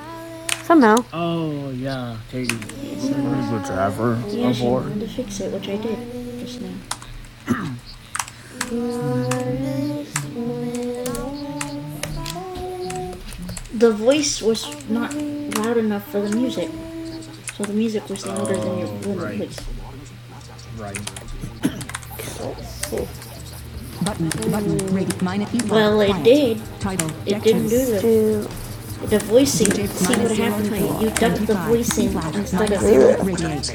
Speaker 1: somehow. Oh yeah, Katie. Who's the driver Yeah, she wanted to fix it, which I did just now. The voice was not loud enough for the music, so the music was louder oh, than your voice. than the right, voice. right. Cool. Button, button, rate, minus, equal, Well, it did. Title, It didn't do the the voicing. See what happened when you ducked the voicing instead of the. radiate.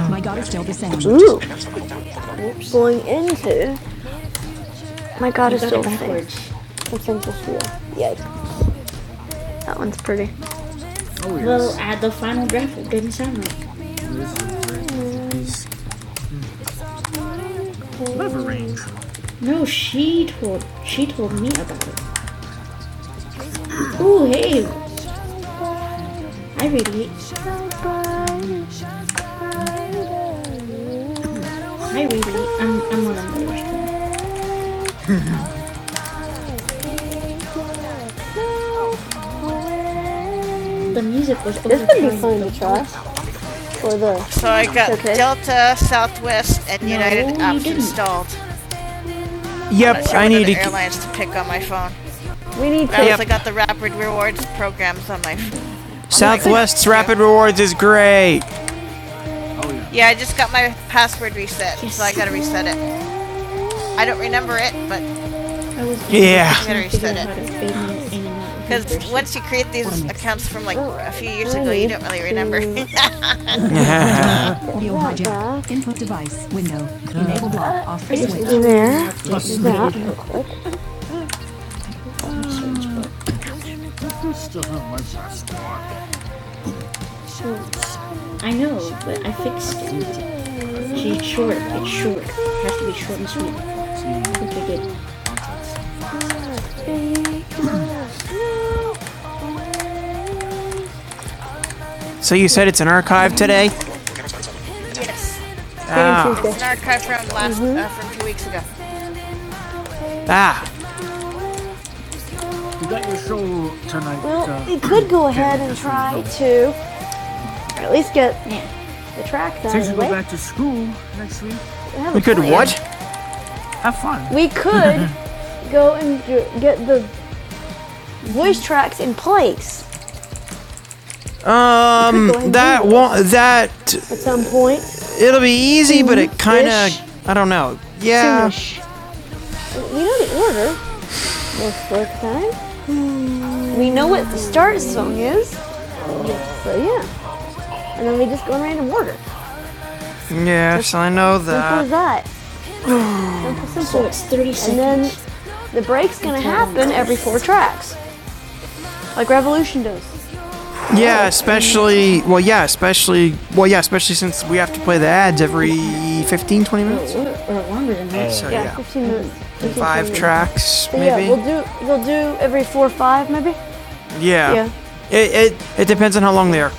Speaker 1: My, my God is still the same. Ooh. Going into My god, it's so thick. backwards. That one's pretty. Well, at the final draft, it didn't sound right. No, she told she told me about it. Ooh, hey, I radiate. I radiate. I'm I'm on another restaurant. The music was over. This would be fun to try for the. So I got Okay. Delta, Southwest, and United you apps installed. Yep, So I need to. airlines to pick on my phone. We need to. I also got the Rapid Rewards programs on my phone. Southwest's Rapid Rewards is great. Yeah, I just got my password reset, Yes. so I gotta reset it. I don't remember it, but I was Yeah. trying to Reset it. to because once you create these accounts from like a few years ago, you don't really remember. Audio hijack. Input device. Window. Enable block. Off switch. There. I know, but I fixed it. See, it's short. It's short. It has to be short and sweet. I think I did. So you said it's an archive today? Ah, It's not cut from last mm-hmm. uh, from two weeks ago. ah. You got your show tonight. Well, uh, we could go ahead and try to at least get the track done. Since you go back to school next week, We We could plan. what? have fun. We could go and get the voice tracks in place Um, that won't. That at some point. it'll be easy, mm-hmm. but it kind of. I don't know. Yeah. Soonish. We know the order of work time. We know what the start song is. So yeah, and then we just go in random order. Yes, just, I know that. Simple as that. that. Simple. So It's 30 seconds. And then the break's gonna happen every four tracks, like Revolution does. Yeah, especially, well, yeah, especially, well, yeah, especially since we have to play the ads every 15, 20 minutes. So, Yeah, yeah. 15 minutes. 15, Five minutes. tracks, So maybe. yeah, we'll do we'll do every four or five, maybe. Yeah. Yeah. It, it it depends on how long they are.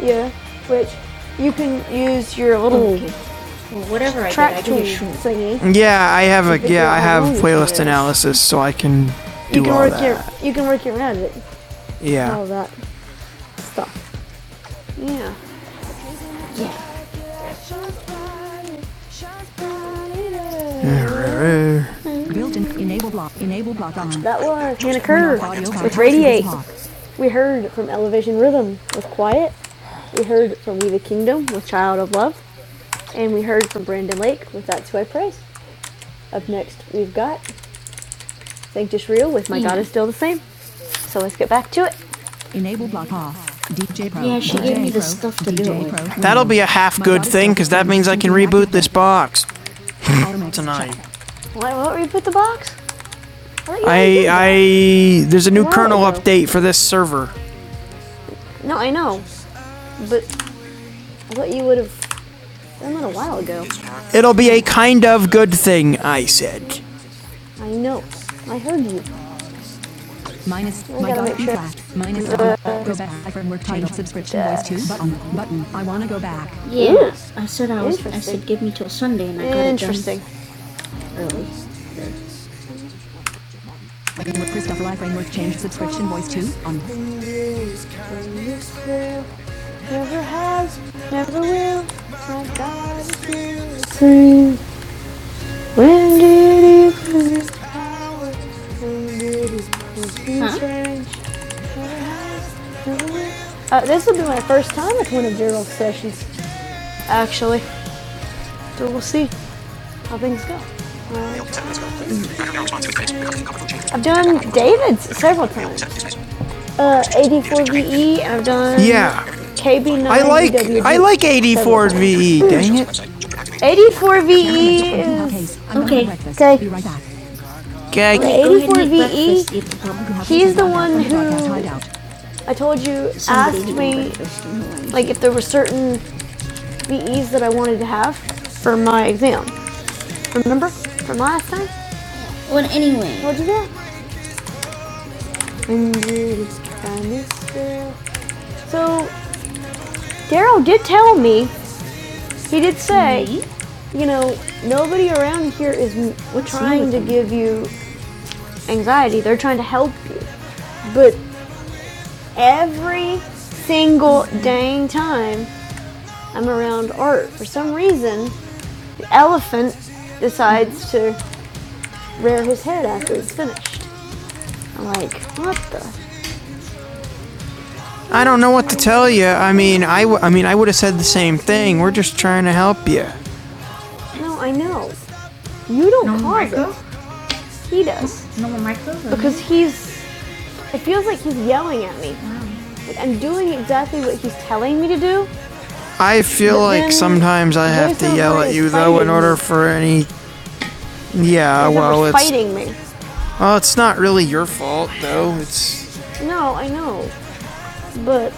Speaker 1: Yeah, which you can use your little Whatever I did, I did Yeah, I have a yeah, I have playlist analysis, so I can You do can all work that. your you can work your around it. All yeah, All that stuff. Yeah. Built-in enable block. Enable block on. That was Hannah Kerr with Radiate. We heard from Elevation Rhythm with Quiet. We heard from We the Kingdom with Child of Love. And we heard from Brandon Lake with That's Who I Praise. Up next, we've got Thank Just Real with My God is Still the Same. So let's get back to it. Enable block off. DJ Pro. Yeah, she gave me the stuff to do That'll be a half good thing, because that means I can reboot this box tonight. What? Why will the box? I, I, there's a new Wow. kernel update for this server. No, I know, but what you would have done a while ago. It'll be a kind of good thing, I said. I know. I heard you. Minus my got sure. flat. Minus Uh, button. Go back. I framework title subscription Yes. voice two button button. I wanna go back. Ooh. Yeah, I said I was. I Interesting. said give me till Sunday, and I got it done. Interesting. Christopher I framework change subscription voice two on When did it Huh? Uh, this will be my first time with one of Gerald's sessions, actually. So we'll see how things go. I've done David's several times. Uh, 84VE, I've done Yeah. KB9. I like I like 84 VE. Dang it. 84 VE Okay. okay. Okay. right Okay, 84 VE. He's the one who- I told you asked me like if there were certain VEs that I wanted to have for my exam. Remember from last time? Well, anyway, Told you that. So Daryl did tell me. He did say, you know, nobody around here is trying to give you anxiety. They're trying to help you. But every single dang time I'm around art, for some reason, the elephant decides to rear his head after it's finished. I'm like, what the? I don't know what to tell you. I mean, I, w- I mean, I would have said the same thing. We're just trying to help you. No, I know. You don't cause it. He does. Because he's. It feels like he's yelling at me. Like I'm doing exactly what he's telling me to do. I feel like sometimes I have to no yell at you though in order for any Yeah, well, it's fighting me. well, it's not really your fault though. It's No, I know, but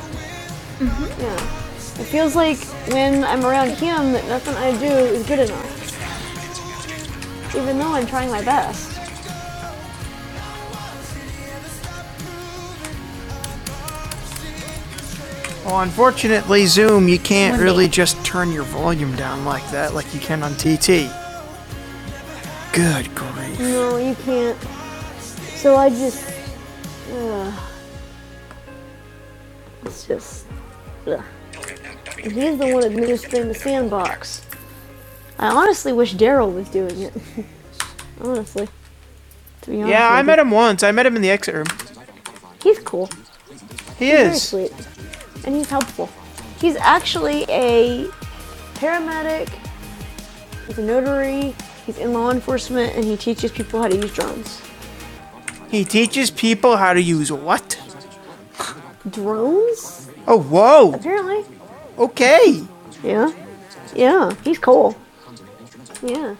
Speaker 1: yeah, it feels like when I'm around him that nothing I do is good enough, even though I'm trying my best. well, unfortunately, Zoom, you can't really just turn your volume down like that, like you can on TT. Good grief. No, you can't. So I just, uh, it's just. Ugh. He's the one administering the sandbox. I honestly wish Daryl was doing it. Honestly, Yeah, I met him once. I met him in the exit room. He's cool. He he's is. Very sweet, and he's helpful. He's actually a paramedic. He's a notary. He's in law enforcement, and he teaches people how to use drones. He teaches people how to use what? Drones? Oh, whoa. Apparently. Okay. Yeah. Yeah. He's cool. Yeah.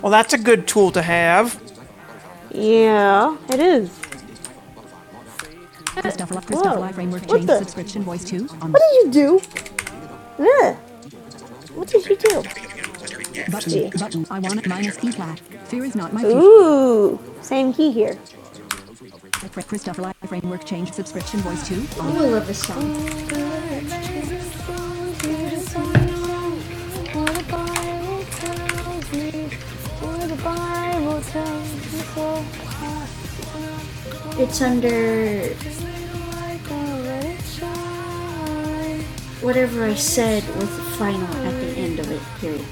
Speaker 1: Well, that's a good tool to have. Yeah. It is. Christopher Whoa. Christopher Framework What Change the- Subscription Voice 2 What did you do? Yeah. What did you do? But G. I want minus E flat. Fear is not my future. Ooh, same key here. Christopher Live Framework Change Subscription Voice 2. I love this song. It's under whatever I said with the final at the end of it. Period.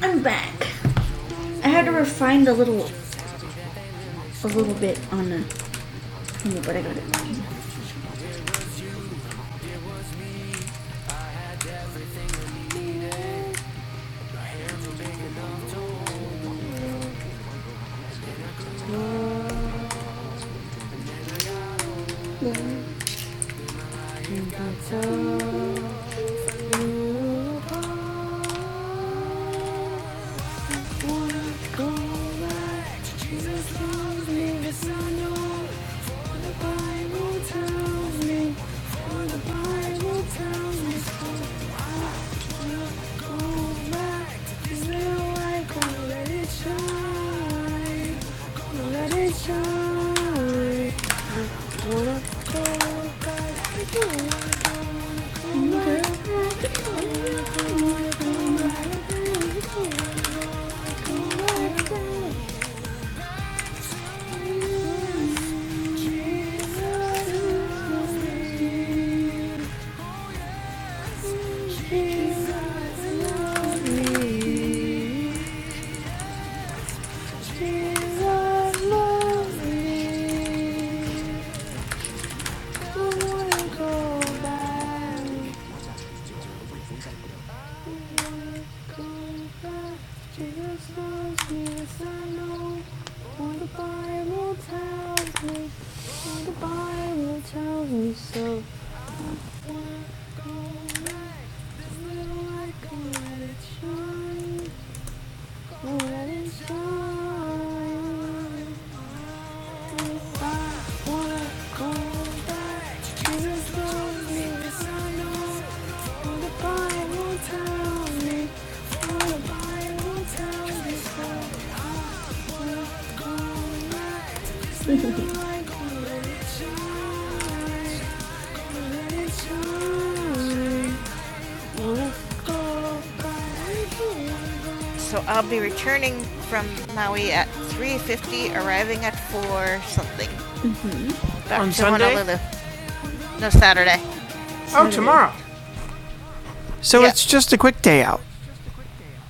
Speaker 1: I'm back. I had to refine a little, a little bit on the, but I got it. Bible Jesus loves me. Wanna go back? So I'll be returning from Maui at 3:50, arriving at 4 something. Back On to Sunday? Honolulu. No Saturday. Oh, Saturday. tomorrow. So Yeah. it's just a quick day out.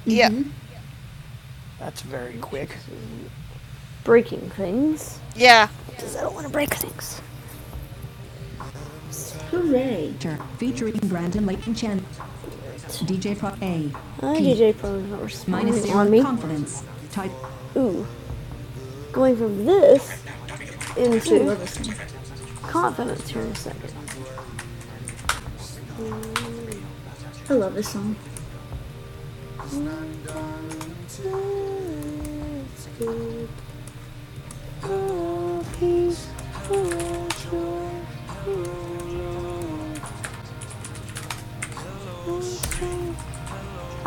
Speaker 1: Yeah. Mm-hmm. That's very quick. Breaking things. Yeah. Because I don't want to break things. featuring Brandon Leighton Chan, DJ Pro A, Uh, DJ probably not responding on zero me. confidence. Type Ooh, going from this into confidence here in a second. I love this song.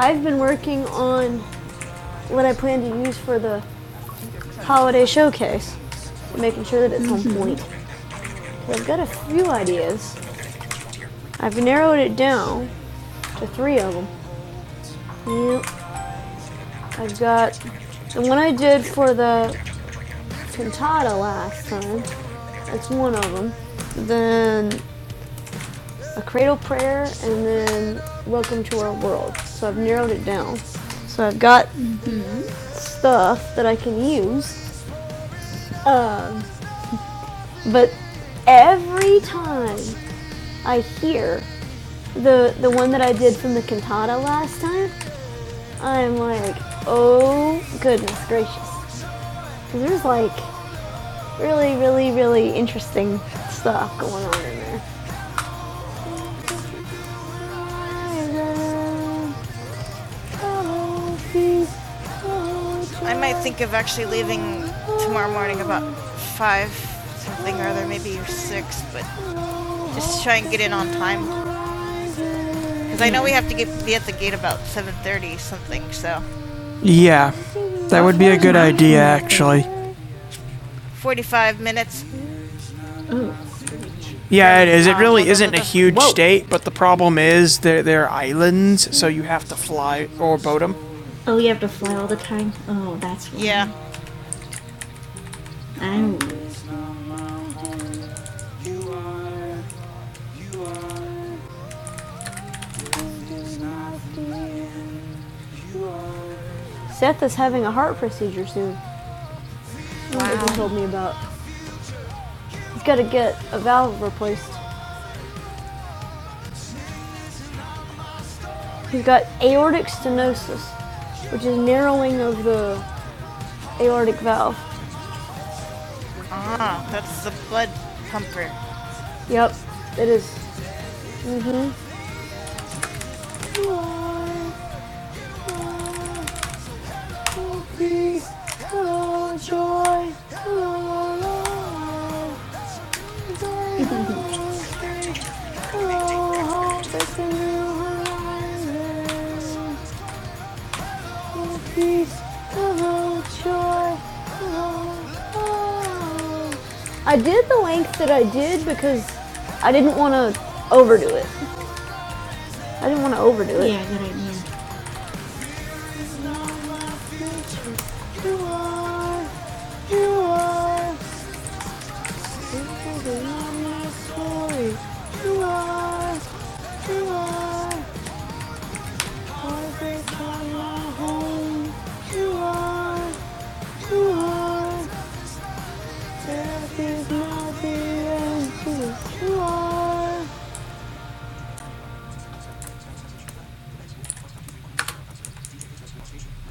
Speaker 1: I've been working on what I plan to use for the holiday showcase, making sure that it's on point. 'Cause I've got a few ideas. I've narrowed it down to three of them. Yep, I've got the one I did for the cantata last time. That's one of them. Then a cradle prayer, and then welcome to our world. So I've narrowed it down. So I've got stuff that I can use, um, but every time I hear the the one that I did from the cantata last time, I'm like, oh goodness gracious, because there's like really, really, really interesting stuff going on in there. I might think of actually leaving tomorrow morning about five something or other, maybe six, but just try and get in on time because I know we have to get, be at the gate about seven thirty something. So Yeah, that would be a good idea, actually. forty-five minutes. Ooh. Yeah, it is. It really isn't a huge Whoa. state, but the problem is they're, they're islands, so you have to fly or boat them. Oh, you have to fly all the time? Oh, that's. weird. Yeah, Oh. Seth is having a heart procedure soon. Wow. He told me about. He's got to get a valve replaced. He's got aortic stenosis, which is narrowing of the aortic valve. Ah, that's the blood pumper. Yep, it is. I did the length that I did because I didn't want to overdo it. I didn't want to overdo it. Yeah, good idea. I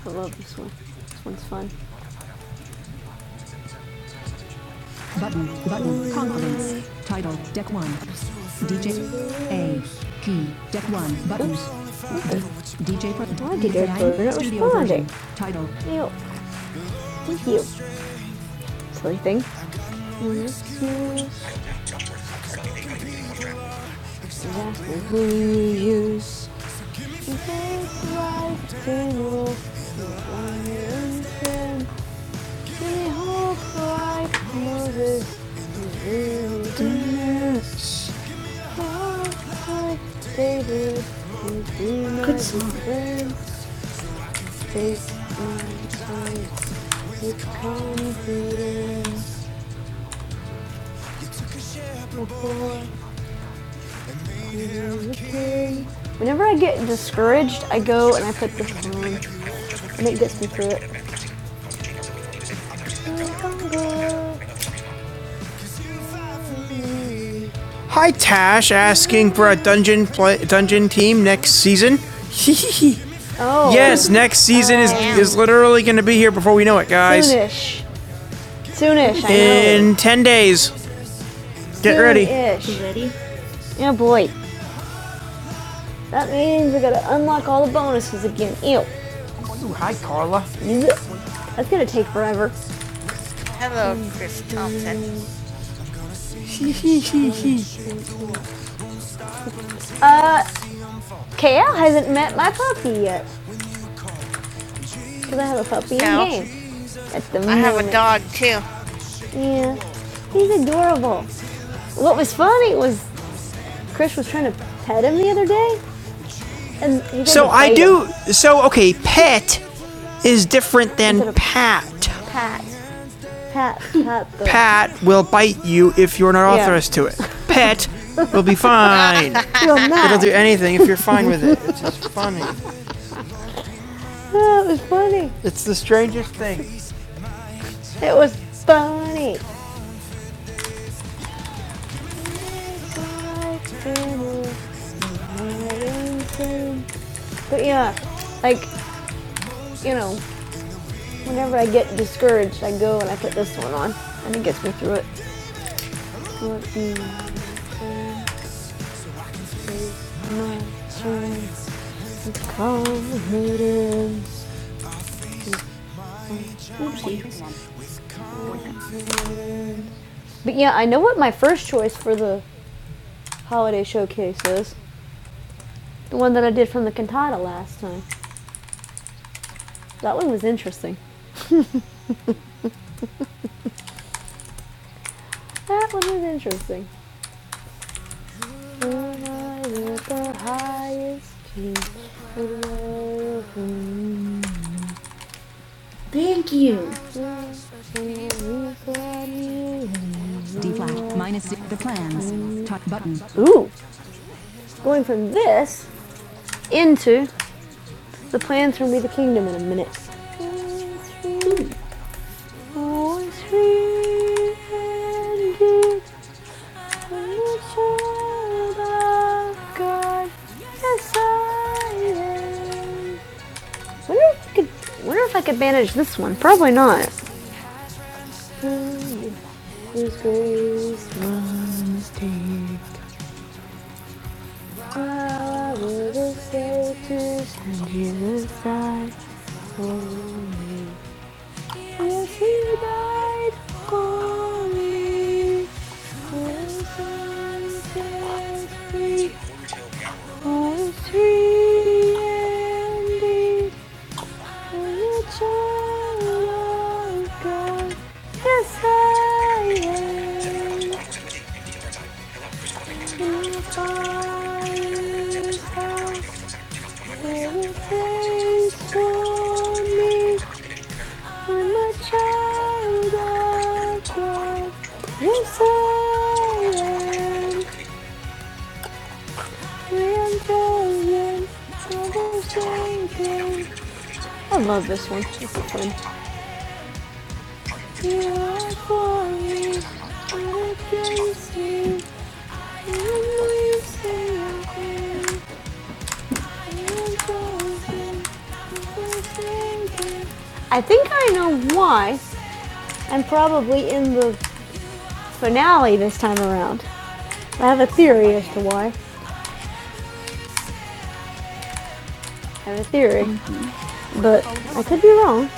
Speaker 1: love this one. This one's fun. Button, button, confidence. Title, deck one. DJ, A, P, deck one, buttons. D, DJ, Why did your DJI not responding? Title, Ew, thank you. Silly thing. Exactly who you use. This life general. Whenever I get discouraged, I go and I put this on, and it gets me through it. Hi Tash, asking for a dungeon play, dungeon team next season. Hehehe. Oh, yes, next season oh, is damn. is literally going to be here before we know it, guys. soonish, soonish. I know. In know. ten days, get Soon ready. Soonish. Ready? Yeah, boy. That means we gotta unlock all the bonuses again. Ew. Hi Carla. That's gonna take forever. Hello, Chris Thompson. Uh, KL hasn't met my puppy yet because I have a puppy No. in game at the moment. I have a dog too. Yeah, he's adorable. What was funny was Chris was trying to pet him the other day, and he did So I fatal do. Him. So okay, pet is different than of- pat. pat, pat, pat. the- Pat will bite you if you're not Yeah. authorized yeah. to it. Pet will be fine. Well, It'll do anything if you're fine with it. It's just funny. that was funny. It's the strangest thing. It was funny. But yeah, like, you know, whenever I get discouraged, I go and I put this one on, and it gets me through it. But yeah, I know what my first choice for the holiday showcase is the one that I did from the cantata last time. That one was interesting. That one was interesting. When I was the highest peak Thank you. D flat minus the plans. Top button. Ooh, going from this into The plans for me the kingdom in a minute. Yes, I Wonder if I could, manage this one. Probably not. Yes, Yes, Oh, I love this one. This is fun. You are for me, but against me. I think I know why, and probably in the finale this time around. I have a theory as to why. I have a theory, but I could be wrong.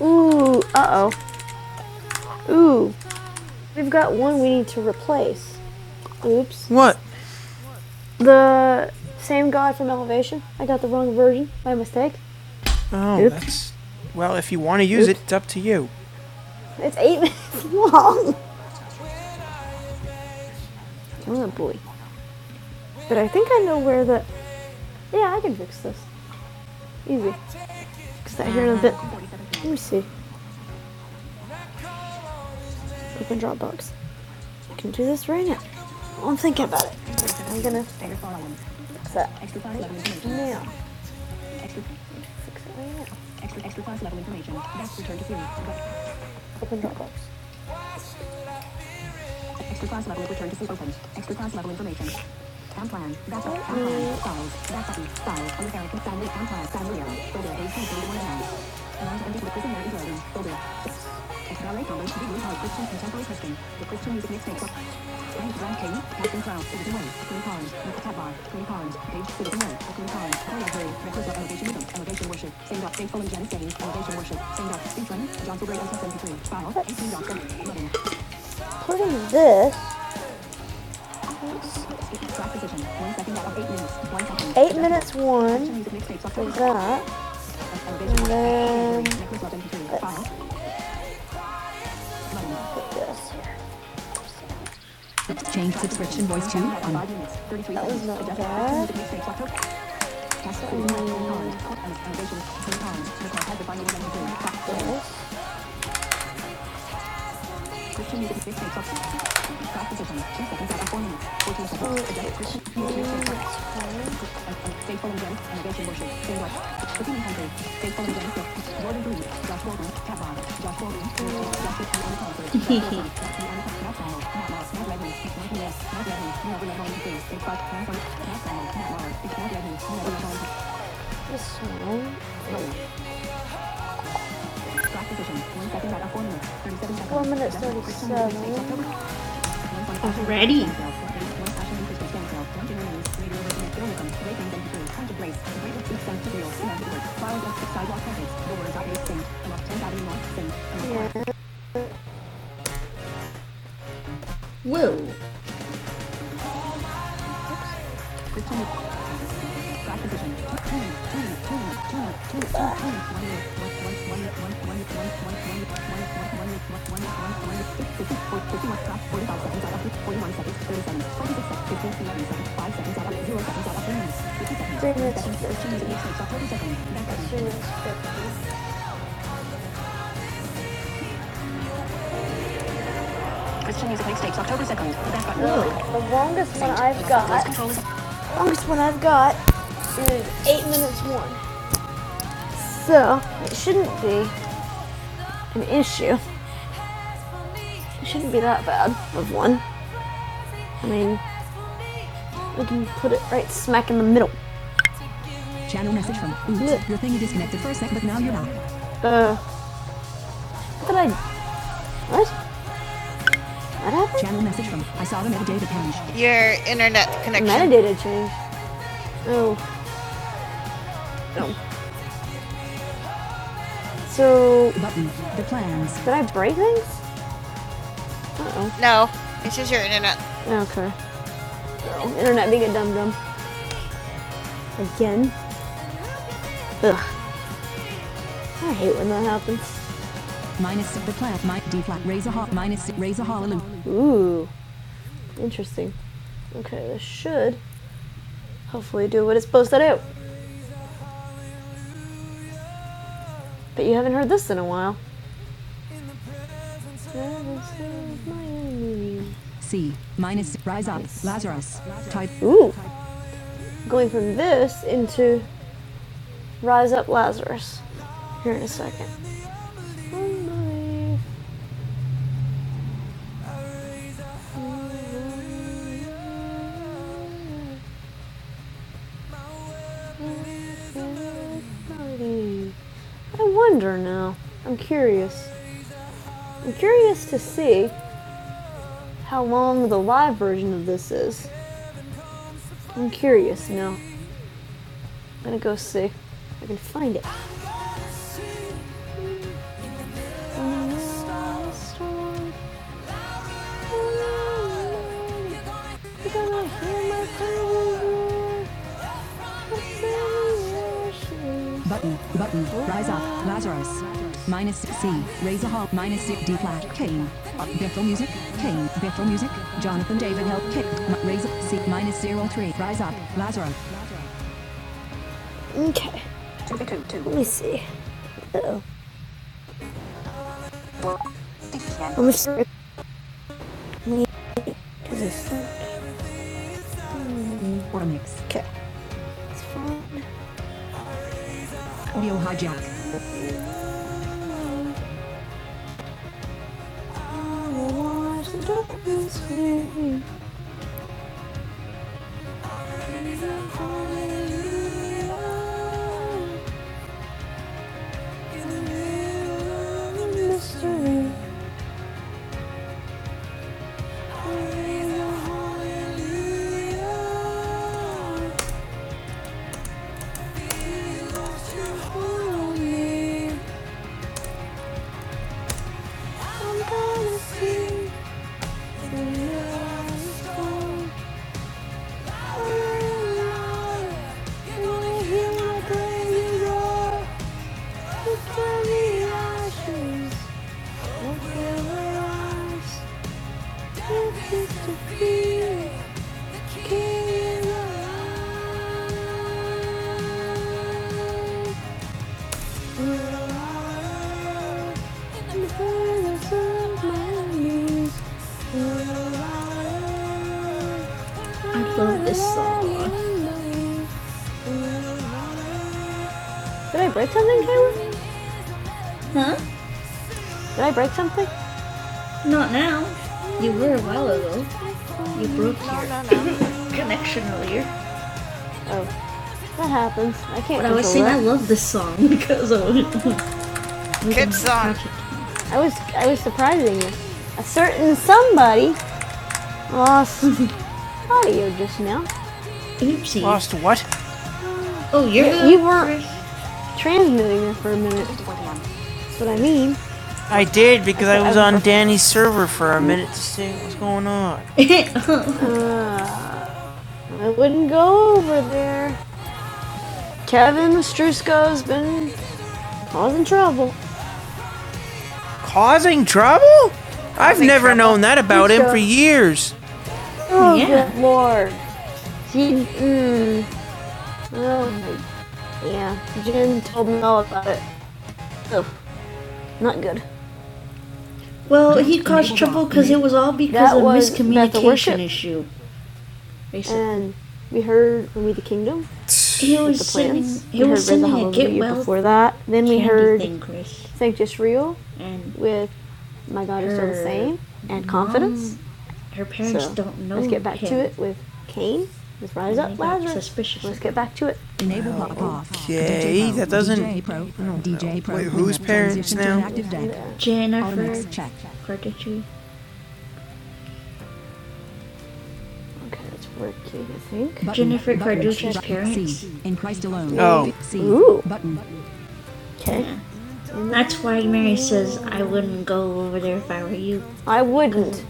Speaker 1: Ooh, uh oh. Ooh, we've got one we need to replace. Oops. What? The same god from Elevation. I got the wrong version by mistake. Oh, Oops. that's. Well, if you want to use Oops. it, it's up to you. It's eight minutes long. Oh boy. But I think I know where the. Yeah, I can fix this. Easy. Fix that here in a bit. Let me see. Open Dropbox. I can do this right now. I'm thinking about it. I'm gonna fix that. Now. Extra six. now. Extra extra class level information. That's return to zero. Open Dropbox. Extra class level return to zero opened. Extra class level information. Town plan. That's all. Town plan. Follows. That's button. Follows. American family. Town plan. Family Order. AC. One down. Testing. Two music mix. Thing. Captain Cloud. Citizen one. Green columns. Look tab bar. Green columns. Page. Citizen one. Green columns. Hurry up. of elevation. Rhythm. Elevation worship. Send up. Faithful and Janice Jennings. Elevation worship. Send up. Speech one. John Fulbright. 73 File. 18.7. 11. Putting this Eight minutes one is Then, that. and then let's put This here. Change subscription voice to on. that was not bad. And This song. Four minutes thirty-seven. Woo! Three minutes fifty. Three minutes fifty. Christian Music Mixtapes, October 2nd. The best button. Ooh, The longest one I've got, control longest one I've got is eight minutes one. So it shouldn't be an issue. It shouldn't be that bad of one. I mean, we can put it right smack in the middle. channel message from Yeah. Oops. yeah. Your thing is disconnected for a sec, but now you're not. Uh, what did I? What? What happened? Channel message from I saw the metadata change. Your internet connection. Metadata change. Oh no. So Button. The plans. did I break things? Uh No, it's just your internet. oh. Okay. Oh, internet being a dum dum. Again? Ugh. I hate when that happens. Minus the flat, my D flat, raise a hot, minus raise a hallelujah. Ooh. Interesting. Okay, this should hopefully do what it's supposed to do. But you haven't heard this in a while. C minus rise up, Lazarus. Type Ooh. Going from this into Rise Up Lazarus here in a second. I wonder now. I'm curious. I'm curious to see how long the live version of this is. I'm curious now. I'm gonna go see if I can find it. Can I hear my power? Button, button, rise up, Lazarus. Minus C, raise a hall, minus six D flat, Kane. Bethel music, Kane, Bethel music, Jonathan David help, kick, raise up, C, minus zero three, rise up, Lazarus. Okay, let me see. Uh-oh. I'm gonna start. Or mix. Okay. Audio hijack. Mystery. King alive. I love this song. Did I break something, Kayla? Huh? Did I break something? Not now. You were a while ago. You broke your connection earlier. Oh, that happens. I can't But I was control saying that. I love this song because of Good song. I was I was surprising you. A certain somebody lost audio just now. Oopsie. Lost what? Oh, yeah. you You weren't transmitting it for a minute. That's what I mean. I did because I Okay, was on Danny's server for a minute to see what's going on. I wouldn't go over there. Kevin Strusko's been causing trouble. Causing trouble? I've causing never trouble. known that about Strusko. him for years. Oh, Yeah. good lord. He, mm, oh, yeah. Jen told me all about it. Oh, not good. Well, he caused trouble because it was all because That of was miscommunication issue. Basically, And we heard when We the Kingdom. he was the sending, he we was sending a get well before that. Then we heard thing, Chris, Sanctus Real with My God is Still the Same and Confidence. her parents So, don't know. Let's get back him. to it with Cain, with Rise Up they Lazarus. Suspicious. Let's get back to it. Enable pop off. Okay, that doesn't- DJ Pro. DJ Pro. Wait, who's parents now? Jennifer Automatic check. Carter, That's working, I think. Button, Jennifer Carducci's parents. C. In Christ alone. Oh. C. Ooh. Button. Okay. Yeah. That's why Mary says, I wouldn't go over there if I were you. I wouldn't.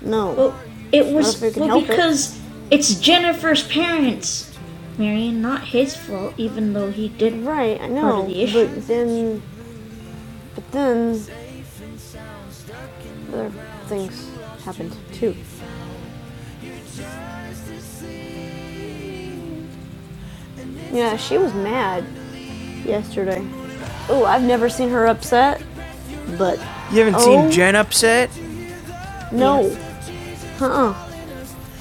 Speaker 1: No. Well, it was well, help it. because it's Jennifer's parents, Marion, not his fault, even though he did. Right, I know. Part of the issue. But then, but then other things happened too. Yeah, she was mad yesterday. Oh, I've never seen her upset. But You haven't Oh. seen Jen upset? no, yes. uh-uh,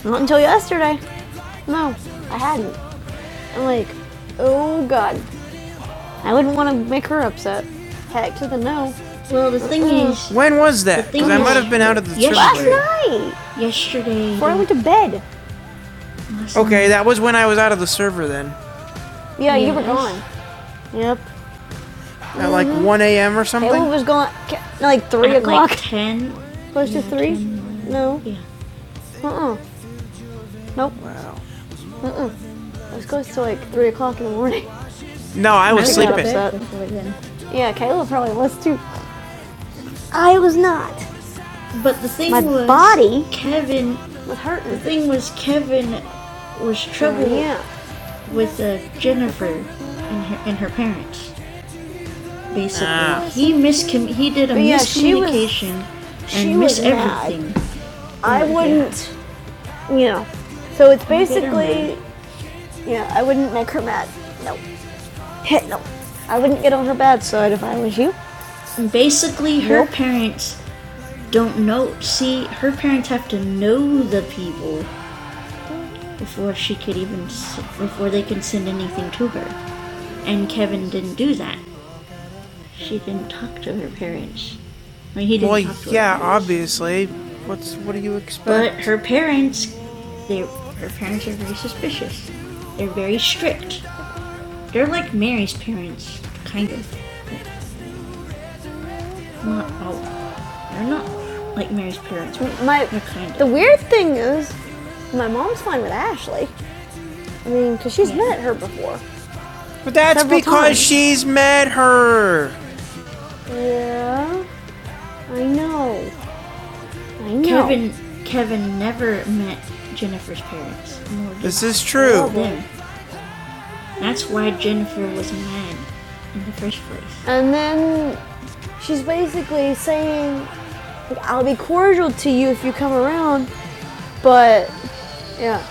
Speaker 1: not until yesterday. No, I hadn't. I'm like, oh god, I wouldn't want to make her upset. Heck to the no. Well, the thing Mm. is, When was that? Because I might have been out of the server. Last night, yesterday. before I went to bed. Okay, that was when I was out of the server then. Yeah, yes. you were Yes. gone. Yep. At like mm-hmm. 1 a.m. or Caleb something? Caleb was gone like three o'clock, like ten. close yeah, to yeah, three. 10, No. Yeah. Uh-uh. Nope. Wow. Uh-uh. It was close to like 3 o'clock in the morning. No, I was sleeping. Yeah, Kayla probably was too. I was not. But the thing My was, body Kevin. was hurting. The thing was, Kevin was troubled oh, Yeah. with uh, Jennifer and her, and her parents. Basically, Ah. he miscom- He did a yeah, miscommunication and missed everything. I Yeah. wouldn't, yeah. you know. So it's basically, yeah, I wouldn't make her mad. No. Heck no. I wouldn't get on her bad side if I was you. Basically, her nope. parents don't know. See, her parents have to know the people before she could even before they can send anything to her. And Kevin didn't do that. She didn't talk to her parents. I mean, he didn't Well, talk to yeah, her parents. obviously. What's what do you expect? But her parents, they, her parents are very suspicious. They're very strict. They're like Mary's parents, kind of. Not all. They're not like Mary's parents. My we're the weird thing is, my mom's fine with Ashley. I mean, because she's yeah. met her before. But that's Several because times. she's met her. Yeah, I know. I know. Kevin Kevin never met Jennifer's parents. This is true. them. That's why Jennifer was mad in the first place. And then she's basically saying, like, "I'll be cordial to you if you come around," but yeah,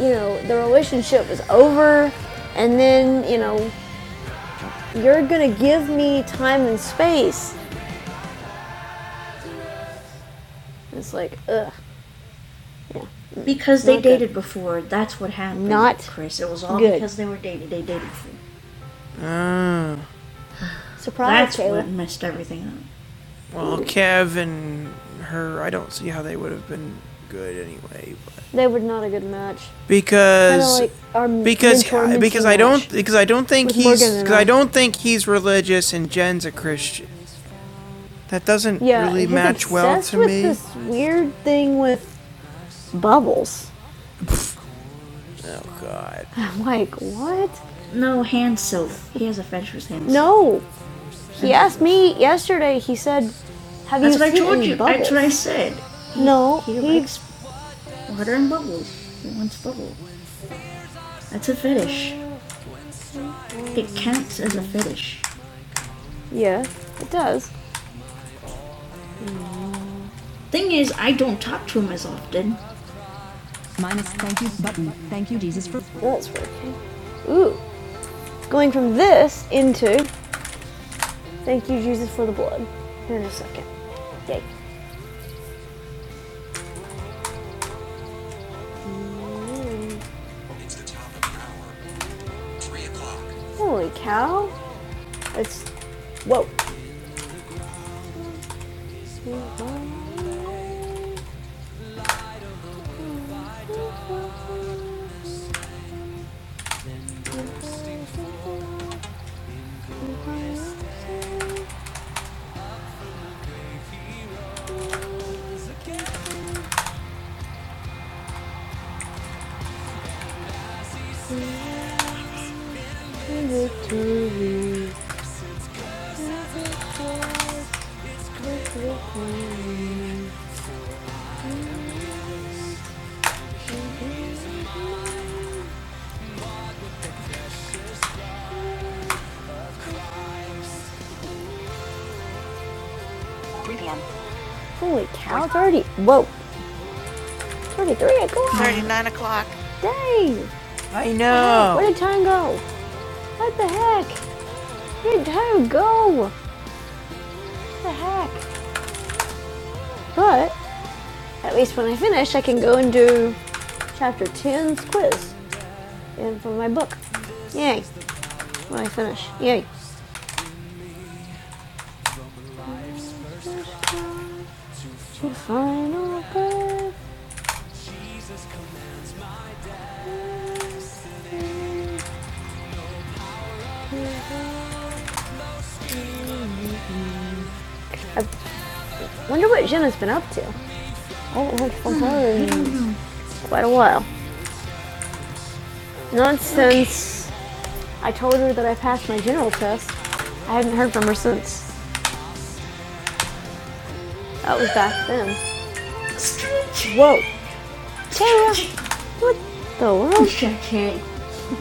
Speaker 1: you know, the relationship was over. And then, you know, you're going to give me time and space. it's like, ugh. Because they Not good. dated before. That's what happened. Not Chris. It was all good. because they were dating. They dated before. Mm. Surprise, That's Caleb. what messed everything up. Well, Kev and her, I don't see how they would have been good anyway. But They were not a good match. because like our because mentor because I don't because I don't think he's because I. don't think he's religious and Jen's a Christian. That doesn't Yeah, really match well obsessed to with me. Yeah, This weird thing with bubbles. Oh God. I'm like, what? No, hand soap. He has a fetish with hand soap. No. He asked me yesterday. He said, "Have you seen bubbles?" That's what I told you. That's what I said. no. He he- likes water and bubbles. He wants bubbles. That's a fetish. It counts as a fetish. yeah, it does. Thing is, I don't talk to him as often. Minus thank you button. Thank you, Jesus, for That's working. Ooh. Going from this into, thank you, Jesus, for the blood. Here in a second. Yay. Holy cow. It's, whoa. Holy cow, it's already, whoa, it's already 3 o'clock. 39 o'clock. Dang. I know. Where did time go? What the heck? Where did time go? What the heck? But At least when I finish, I can go and do chapter ten's quiz and for my book. Yay, when I finish. Yay. Final I wonder what Jim has been up to. Oh, quite a while. Not since I told her that I passed my general test. I haven't heard from her since. That was back then. Whoa. Tara! What the world? Stretch it.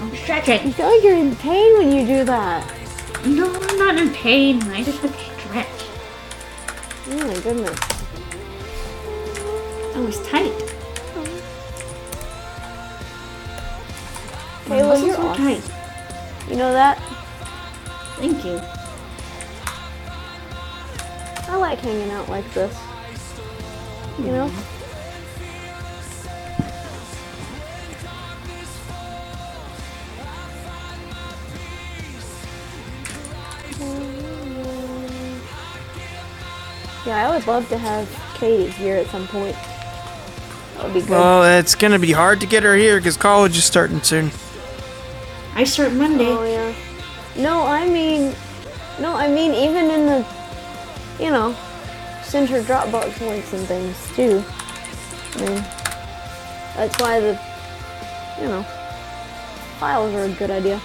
Speaker 1: I'm stretching. You feel like you're in pain when you do that. No, I'm not in pain. I just have to stretch. Oh my goodness. That was tight. Hey, well, you're were awesome. tight. You know that? Thank you. I like hanging out like this. You mm. know? Yeah, I would love to have Katie here at some point. That would be good. Well, it's gonna be hard to get her here because college is starting soon. I start Monday. Oh yeah. No, I mean, no, I mean even in the, you know, send her Dropbox links and things too. And that's why the, you know, files are a good idea.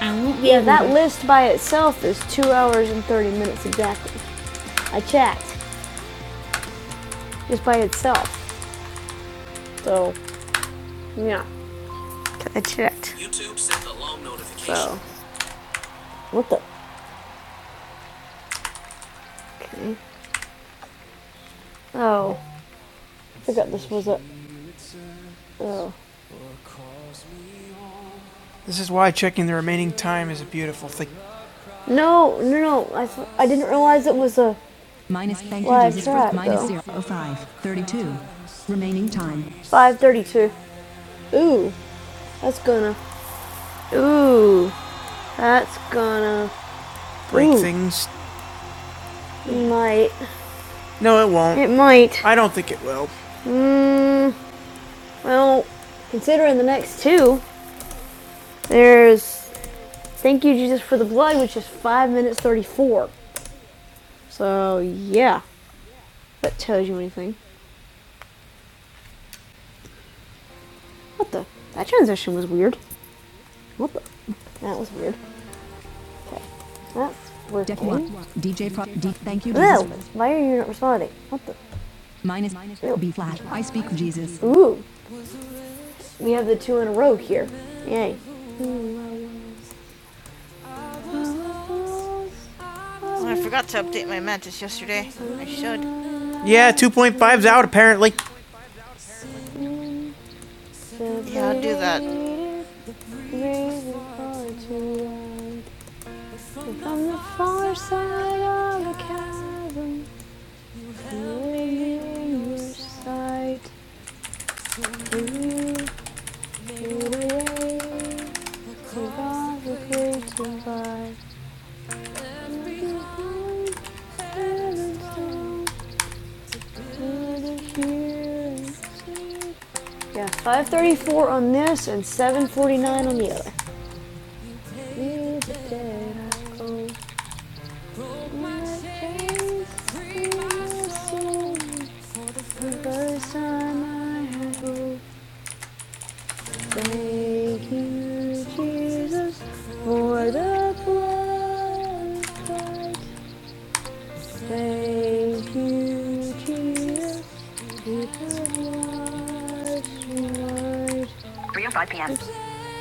Speaker 1: I won't be Yeah, able that to. list by itself is two hours and 30 minutes exactly. I checked, just by itself. So, yeah, I checked. So, what the? Okay. Oh, I forgot this was a. Oh. This is why checking the remaining time is a beautiful thing. No, no, no. I, I didn't realize it was a Minus thank Well, you Jesus it's right, zero five thirty two. Remaining time. 532. Ooh, that's gonna Ooh, that's gonna Break Ooh, things? It Might No, it won't. it might? I don't think it will. Hmm. well, considering the next two, there's Thank You Jesus for the Blood, which is 5 minutes 34. So, yeah, that tells you anything. What the? That transition was weird. What the? That was weird. Okay. That's working. DJ Pro. D. Thank you. Ew, Jesus. why are you not responding? What the? Minus. B flat. I speak Jesus. Ooh, We have the two in a row here. Yay. Oh, I forgot to update my mantis yesterday. I should. Yeah, two point five's out apparently. Yeah, I'll do that. Yeah, 534 on this and 749 on the other.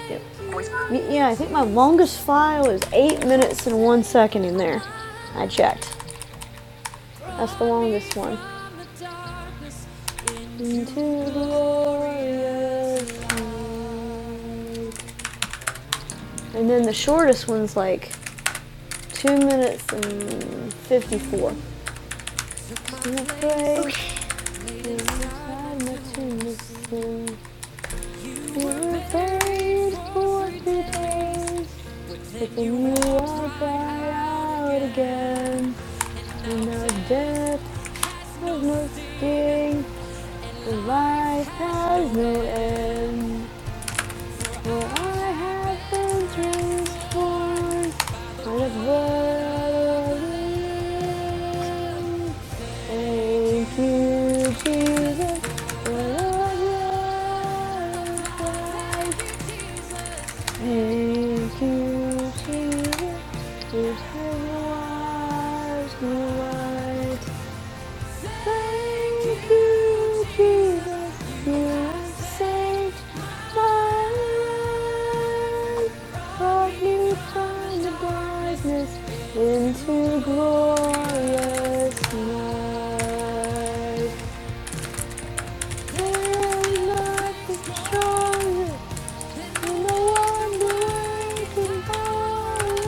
Speaker 1: Yep. Yeah, I think my longest file is eight minutes and one second in there. I checked. That's the longest one. Into glorious light. And then the shortest one's like two minutes and fifty-four. again. And now death has no sting, and life has no end. For I have been transformed. Thank you, Jesus. I love you. I should just say Jesus. Lord, there is nothing stronger than the wonder-working power of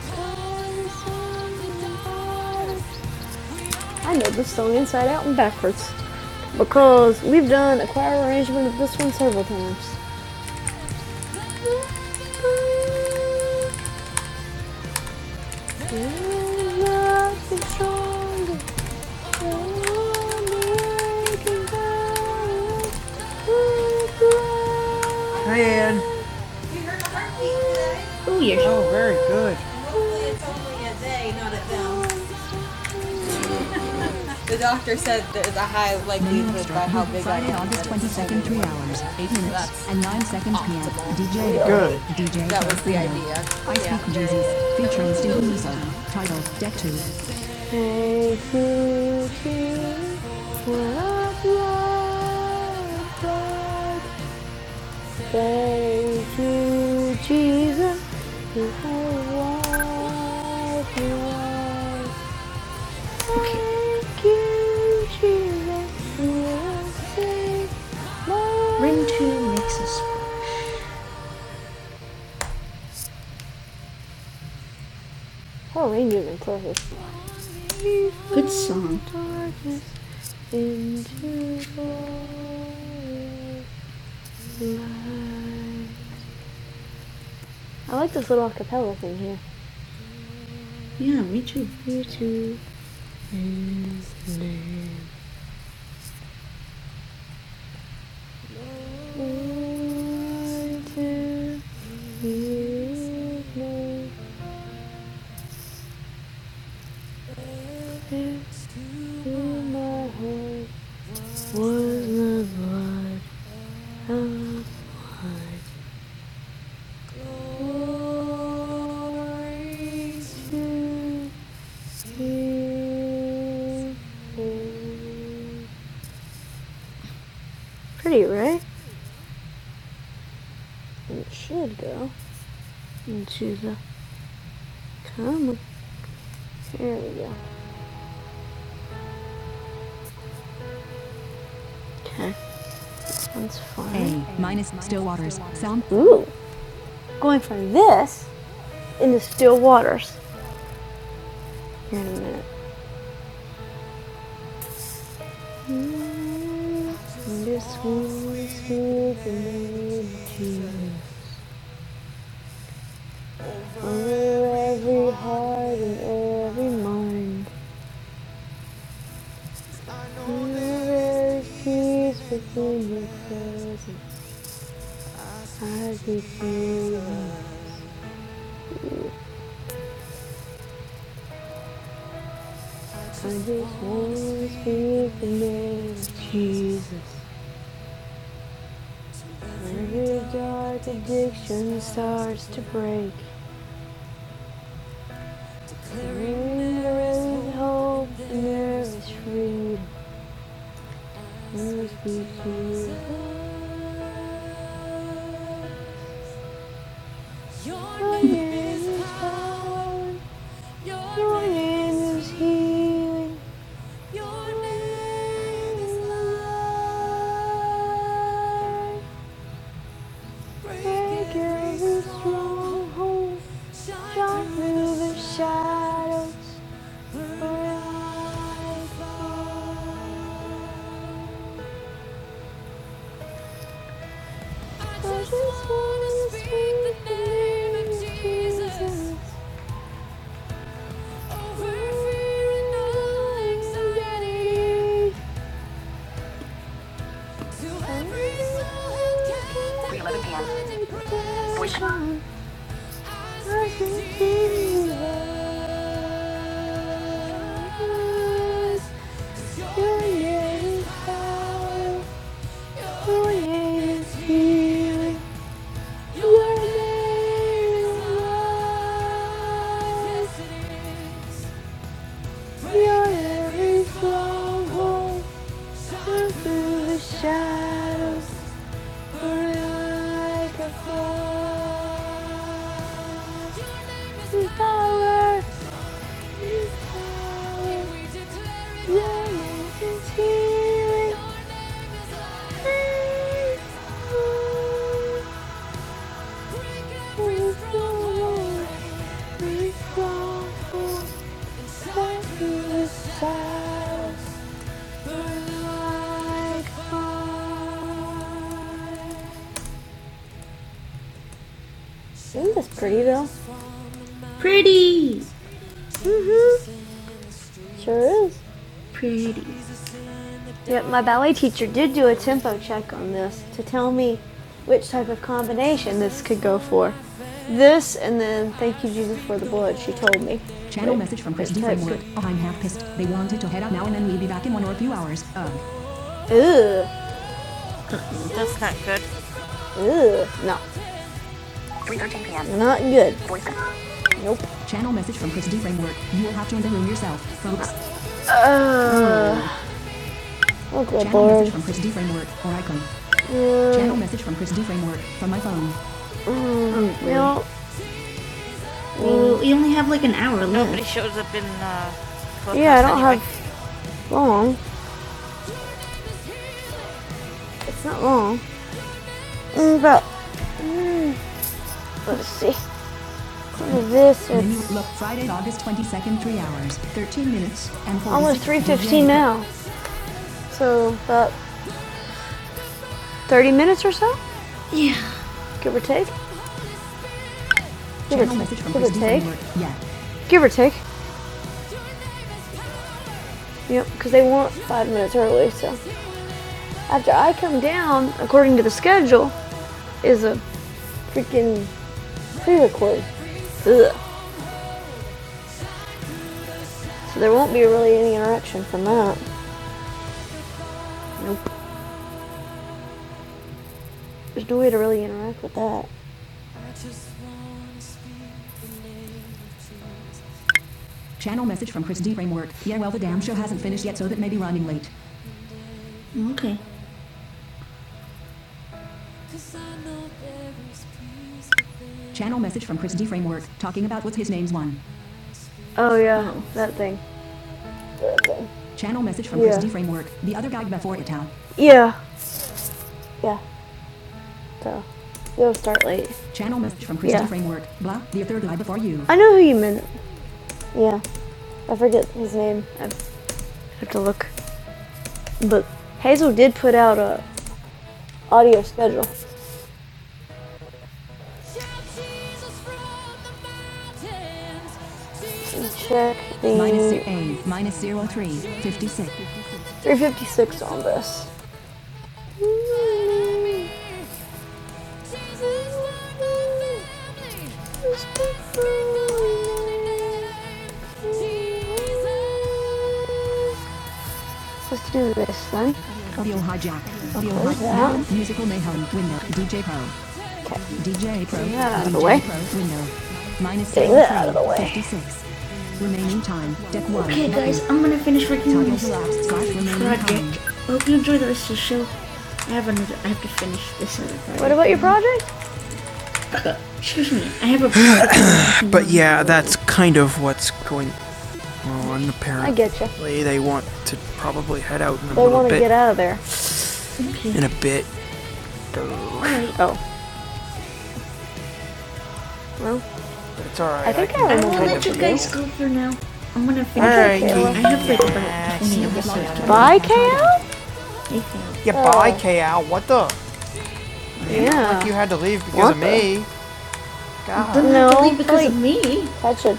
Speaker 1: Jesus. I know this song inside out and backwards because we've done a choir arrangement of this one several times. Man. Oh, yeah. are high likelihood by how big I Friday, I am. August 22nd, 3 hours, 8 minutes, and 9 seconds p.m. DJ. Good. DJ. That was the idea. I Speak Jesus, featuring Steve Lisa, titled Deck 2. นี่คือชีวิตรักรักรัก Thank you Jesus ที่ให้รักรัก you are. Thank you, Jesus Oh, we didn't even play this. Good song. I like this little acapella thing here. Yeah, me too. Pretty, right? And it should go. Into the comma. There we go. Okay, that's fine. A minus Stillwater's sound. Ooh, going from this into still waters. Here in a minute. Mm, This every heart and every mind. Honor peace within your presence. I refuse, I just want to feel the name of Jesus. Every dark addiction starts to break. There is hope, and there is freedom. There is freedom. Your name is power. Your name is healing. Your name is life. Break every stronghold, shine through the shadows. arise, I fall. I just wanna speak the name of Jesus over fear and all anxiety. To every soul who can't find and pray. I Your Your Your Your name name name is is is power. healing. through the Shadows are like a flood. Your power is like Isn't this pretty though? Pretty! Mm-hmm. Sure is. Yeah, my ballet teacher did do a tempo check on this to tell me which type of combination this could go for. This and then thank you Jesus for the blood, she told me. Channel message from Christy That's from work. Oh, I'm half pissed. They wanted to head out now and then we'd be back in one or a few hours. Ugh. Ugh, That's not good. ugh, no, not good. Channel message from Christy Framework. You will have to in the room yourself, folks. Okay, good Channel lord. message from Christy Framework or icon. Uh, Channel message from Christy Framework from my phone. No, Well, we only have like an hour left. Nobody shows up in uh, Yeah, I don't anyway. have long. It's not long. Mm, But let's see. What is this? Minute It's look Friday, August 22nd, 3 hours, 13 minutes, and almost 3:15 now. So about 30 minutes or so, give or take. Give Channel or, message from give or take. Yeah. Give or take. Yep, because they want five minutes early. So after I come down, according to the schedule, is a freaking pre-record. Ugh. So there won't be really any interaction from that. Nope. There's no way to really interact with that. Channel message from Chris D. Framework. Yeah, well, the damn show hasn't finished yet, so that may be running late. Okay. Channel message from Chris D. Framework, talking about what's his name's one. Oh yeah, Oh. that thing. That thing. Channel message from Chris Yeah. Chris D. Framework, the other guy before it out. Yeah. Yeah. So it'll start late. Channel message from Chris Yeah. D. Framework, blah, the third guy before you. I know who you meant. Yeah. I forget his name. I have to look. But Hazel did put out a audio schedule and check the Minus zero eight, minus zero three, fifty-six. 356 on this. Let's do this then. Audio hijack. Audio What is hijack. that? Musical mayhem. Window. DJ Pro. DJ Pro. Getting that out of the way. Pro that out of the way. Remaining time. Okay, guys, I'm gonna finish working on Target this project. I hope you enjoy the rest of the show. I have another. I have to finish this other project. What about your project? Excuse me. I have a. But yeah, that's kind of what's going on I apparently. I get you. They want to probably head out in a They little bit. They want to get out of there. In a bit. Oh, It's alright. I think I I can will let you guys go for now. I'm gonna finish. Alright, I have like about 20 episodes. Bye, Kale? Yeah, oh. bye, KL. What the? Yeah. You know, like you had to leave because What of the- me. I Didn't No, have to leave because like, of me. That's a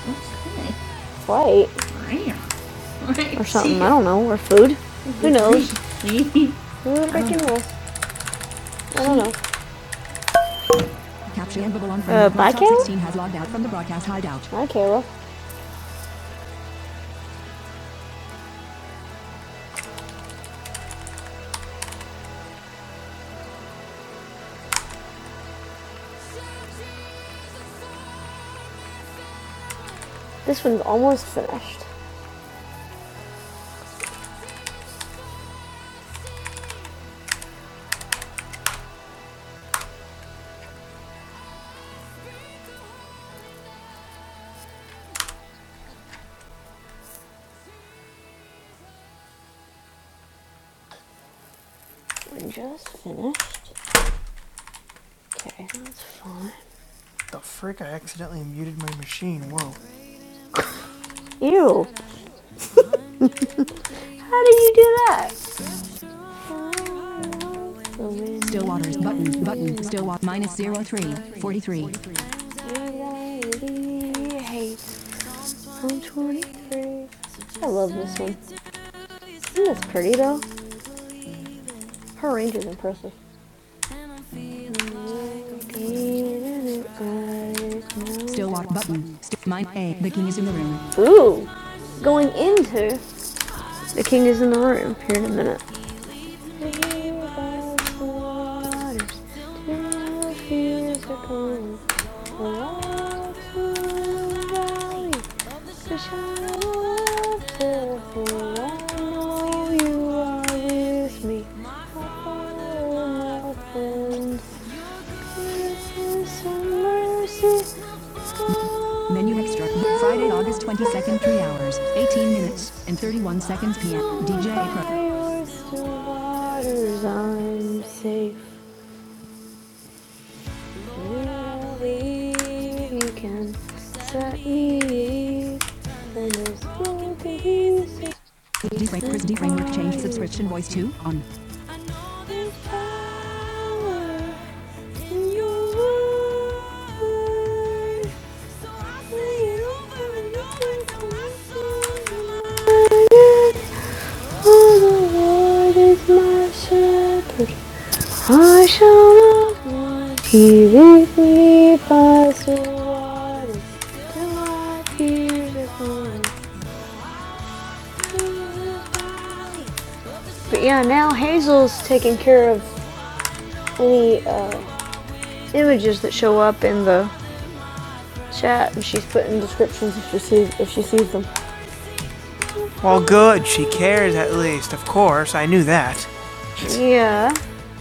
Speaker 1: flight or something. I don't know. Or food. Who knows? Food, I can roll. I don't know. Uh, bye, Kayla? 16 hideout. Hi, Kayla. This one's almost finished. Just finished. Okay, that's fine. The frick! I accidentally muted my machine. Whoa. Ew. How do you do that? Stillwater's button, button, Stillwater minus zero three forty three. 43. one twenty-three. I love this one. Isn't this pretty though? Her range is impressive. Stillwater button, st- mine A, the king is in the room. Ooh, going into the king is in the room here in a minute. cool. Menu extra. Friday, August 22nd, 3 hours, 18 minutes, and 31 seconds p.m. DJ Pro. I'm safe. Believe you can set me no D framework, change subscription voice to on. There's So oh, I shall love what he with me pass the waters till I appear upon the But yeah, now Hazel's taking care of any uh, images that show up in the chat, and she's putting descriptions if she sees if she sees them. Well, good. She cares at least. Of course, I knew that Yeah,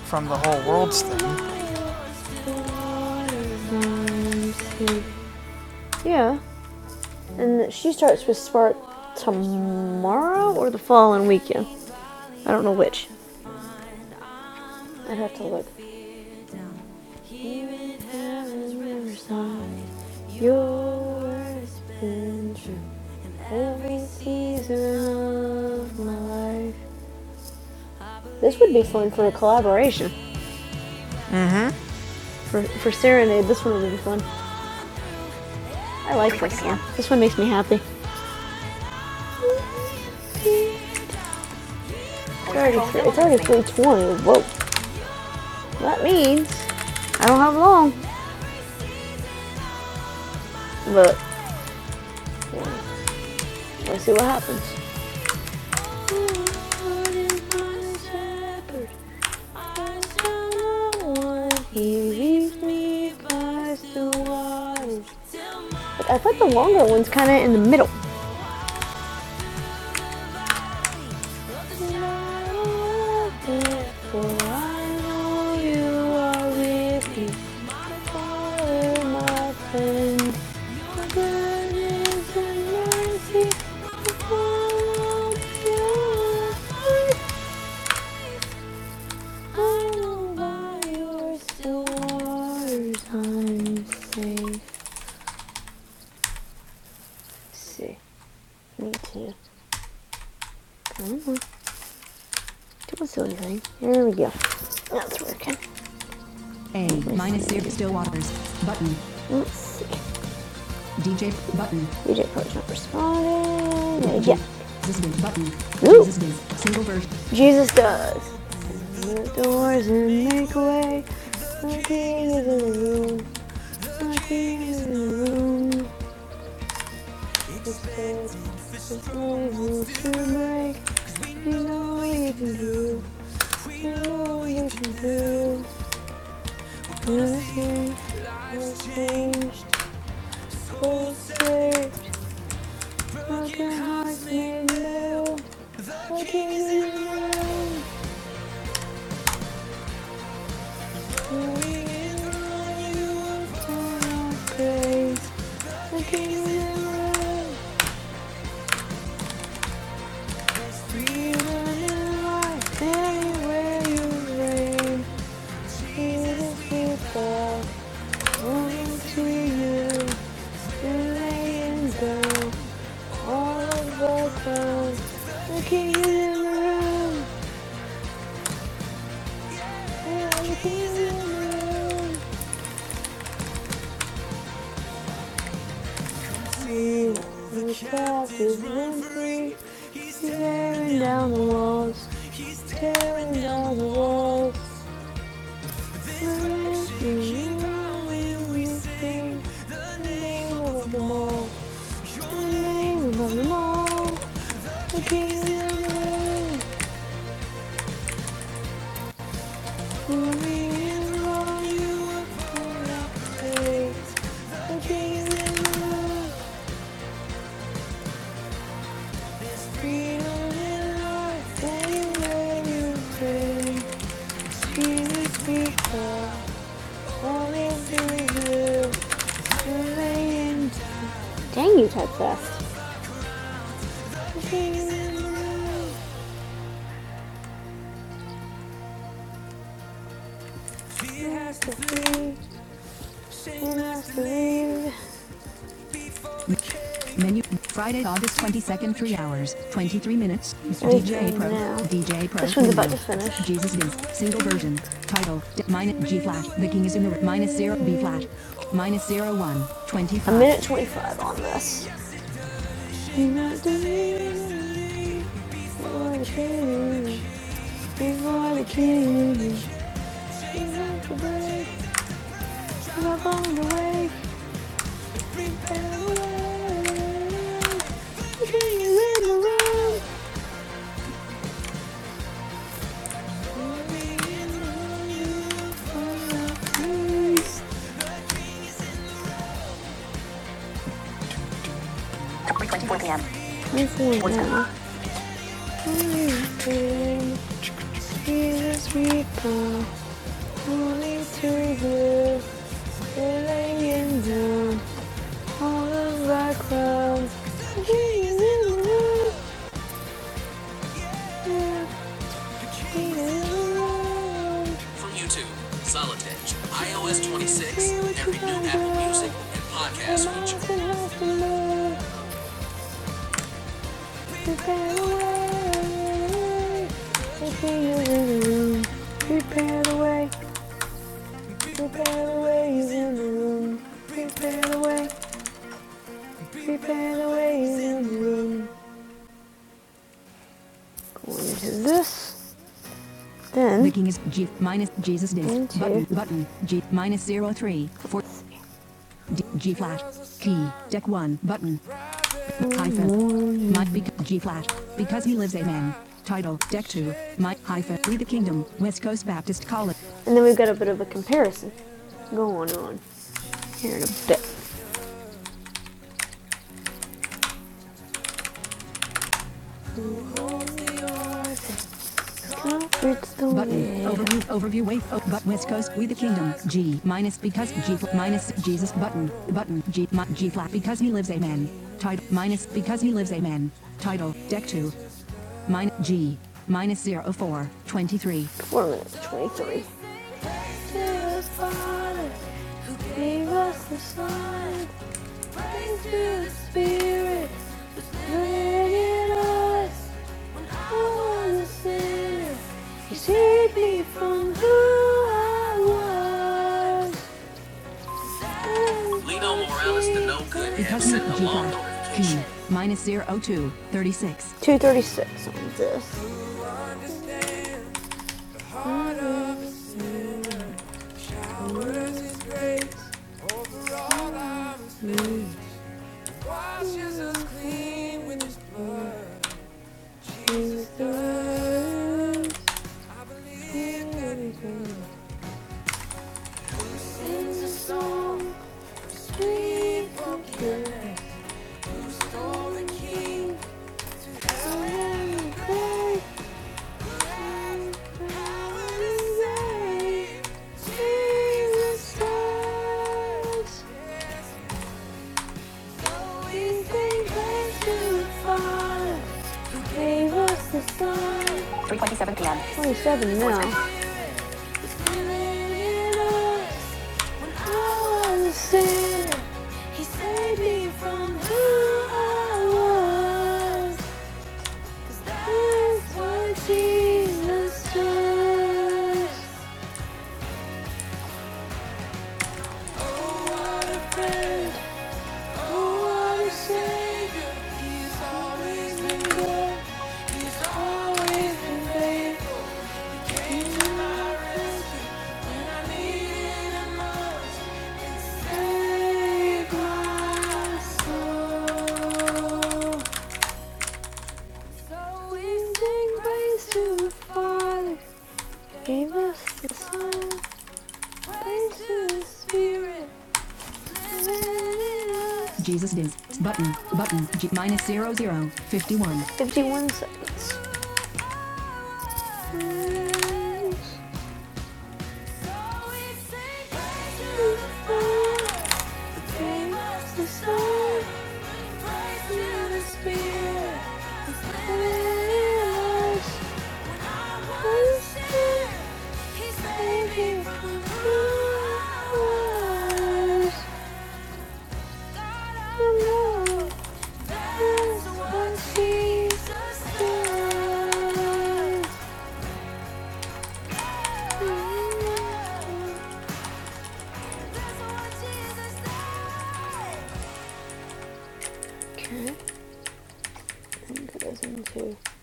Speaker 1: from the whole world's thing. yeah, and she starts with Spark tomorrow or the following weekend. I don't know which. I'd have to look. Even heaven's riverside, your word's been true. Every season of my life. This would be fun for a collaboration. For, for Serenade, this one would be fun. I like this one. This one makes me happy. It's already, it's already 320. Whoa. That means I don't have long, but let's see what happens. He leaves me by the waters. But I thought the longer one's kind of in the middle. I'm safe. safe. Me too. I don't know. Do a silly thing. There we go. That's working. A minus zero still waters. button. Let's see. DJ button. DJ Coach not responding. Yeah. Jesus. button. Ooh. Zizbiz single version. Jesus does. Move doors and make way. My king is in the room. My king is in the room. It's good. It's good. It's good. You know what you can do. You know what you can do. People, wanting to you, and they go. All of us are the king in the room. And the king in the room. See, the cast is run free. Tearing down the walls. He's Tearing down the walls. We're in you and we sing the name of them all. The name of them all. The king in the room. Dang you, Typecast. kings Menu Friday, August 22nd, 3 hours, 23 minutes. Mr. Okay, DJ Pro. now. DJ Pro. This one's about to finish. Jesus is single version. Title D- minus G flat. The king is in the minus zero B flat. Minus zero one. Twenty five. A minute 25 on this. iOS 26, every new Apple Music and podcast feature. Prepare the way. Prepare the room. Prepare the way. Prepare the way is in the room. Prepare the way. Prepare the way is in the room. Going to this. Then Clicking is G minus Jesus disk button button G minus zero three four D, G flat key deck one button hyphen might be G flat because he lives a man. Title Deck 2 Mike hyphen We the Kingdom West Coast Baptist College. And then we've got a bit of a comparison going on here in a bit. Button overview overview wave oh, but West Coast We the Kingdom G minus because G fl- minus Jesus button button G G flat because he lives a man. Title minus because he lives a man. Title Deck 2 Min G minus zero 04 23. Four minutes, 23. Lino Morales to know Min sent a long G5 G notification. minus zero 02 236 on this. Mm. Washes us clean with his blood. Jesus does. I believe that he does. Sings a song of sweet forgiveness. Who stole the king? So many great power to save. Jesus does. So we think back to the Father who gave us the Son. Only seven now. When I was a sinner, he saved me from who I was. That's what Jesus does. Oh, what a friend, oh, what a Savior. He's always been good, he's always been faithful. He took my rescue when I needed him most. Gave us the Son, praise to the Spirit, Jesus is. Button. Button. G minus zero zero fifty one. 51 seconds. Gave us the Son. Okay, and that goes into a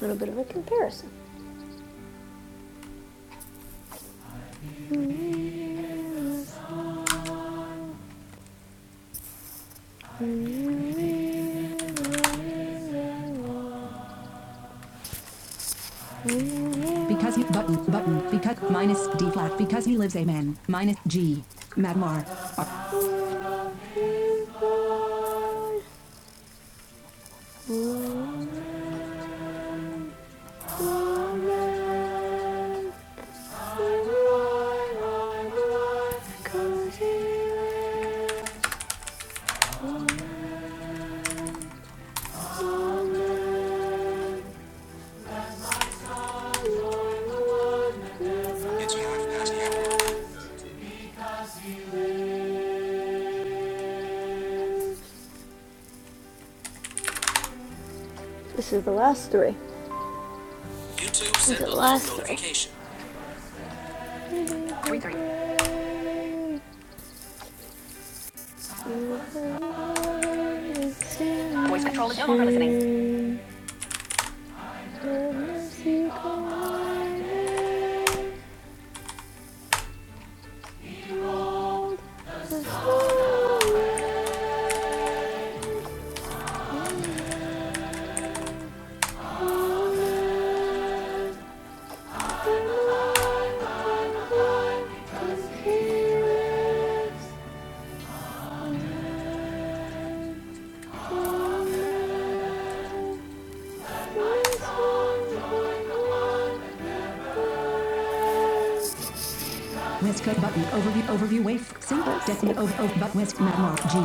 Speaker 1: little bit of a comparison. Because he button button because minus D flat because he lives a man minus G Magmar uh, This is the last three. These are the last three. West Coast button overview overview wave single decimal over over but West Matmore G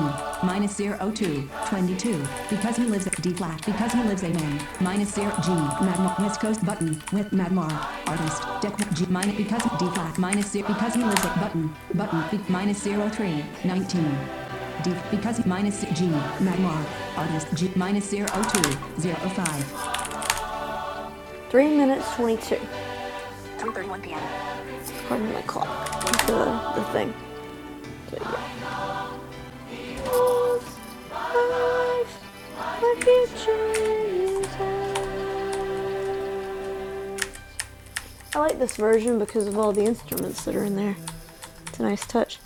Speaker 1: minus zero two twenty two because he lives at D flat because he lives a man minus zero G Matmore West Coast button with Matmore artist deck G minus because D flat minus zero because he lives at button button be, minus zero three nineteen D because minus G Matmore artist G minus zero oh, two zero oh, five Three minutes twenty-two. Pardon my clock. The the thing. So yeah. I like this version because of all the instruments that are in there. It's a nice touch.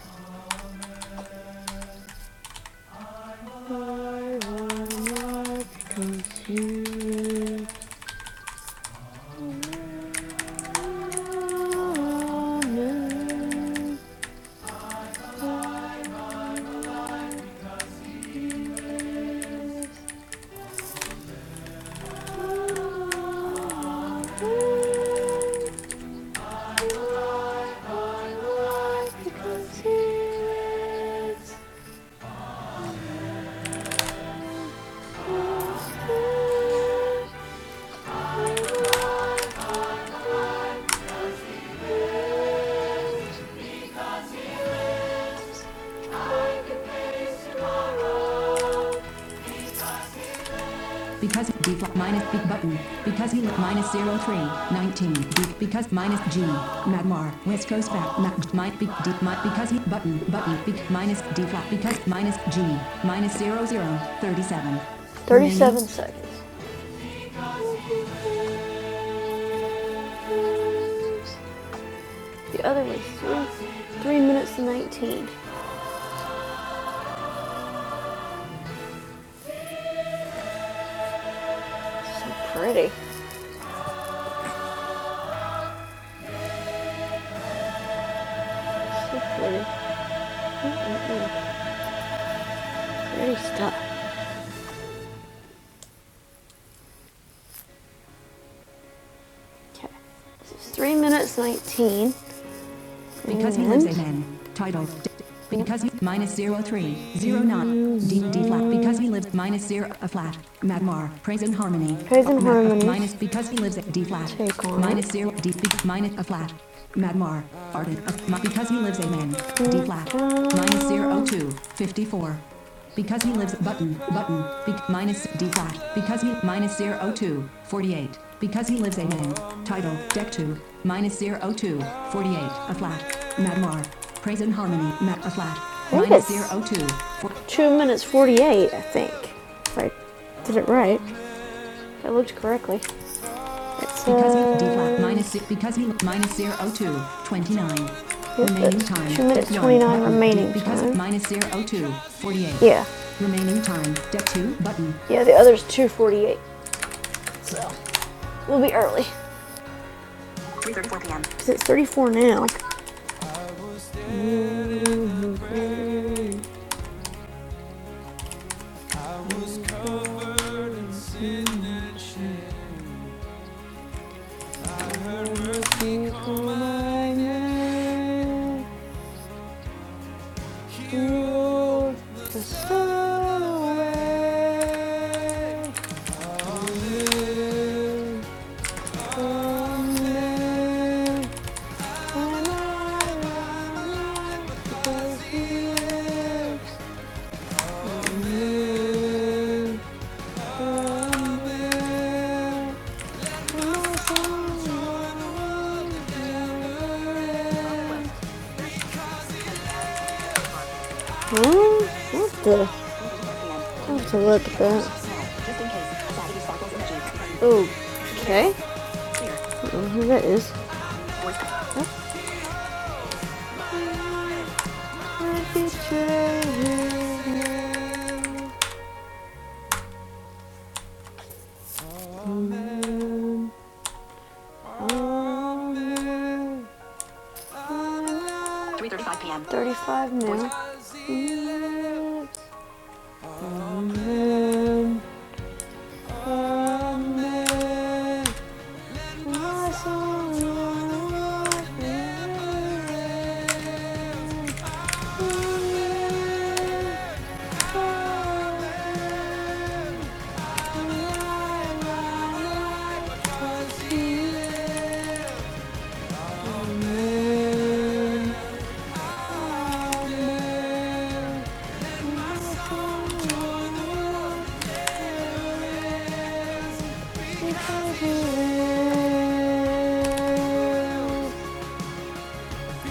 Speaker 1: Because B flat minus B button. Because he looked minus 0319. B, because minus G. Magmar. West Coast back. Mag, might be D. Might because he button. Button. B, minus D flat. Because minus G. Minus zero zero 0037. 37 minutes. seconds. The other was three, three minutes and 19. So pretty. So pretty. Pretty stuff. Okay, so it's 3 minutes 19. Because he lives Amen. Title. Because he minus zero three zero nine D D flat. Because he lives minus zero a flat. Magmar. Praise and harmony. Praise and harmony. Minus because he lives at D flat. Take on. Minus zero D B, minus a flat. Magmar. Farted. because he lives Amen. D flat. Minus zero two fifty four. Because he lives button button be, minus D flat because he minus zero oh two forty eight because he lives a name title deck 2 minus zero oh two forty eight a flat Madmar praise and harmony mat a flat minus zero two two minutes forty-eight, I think. If I did it right, if I looked correctly. Because he D flat minus six because he minus zero oh two twenty nine. Remaining time. two minutes, 29 remaining because time. minus zero oh two forty eight. Yeah. Remaining time. Deck two button. Yeah, the other's 248, so we'll be early. Cause it's 34 now. What the? I'll have to look at that. Oh, okay. Oh, here that is. Three thirty-five p.m. 35 now. Because you live,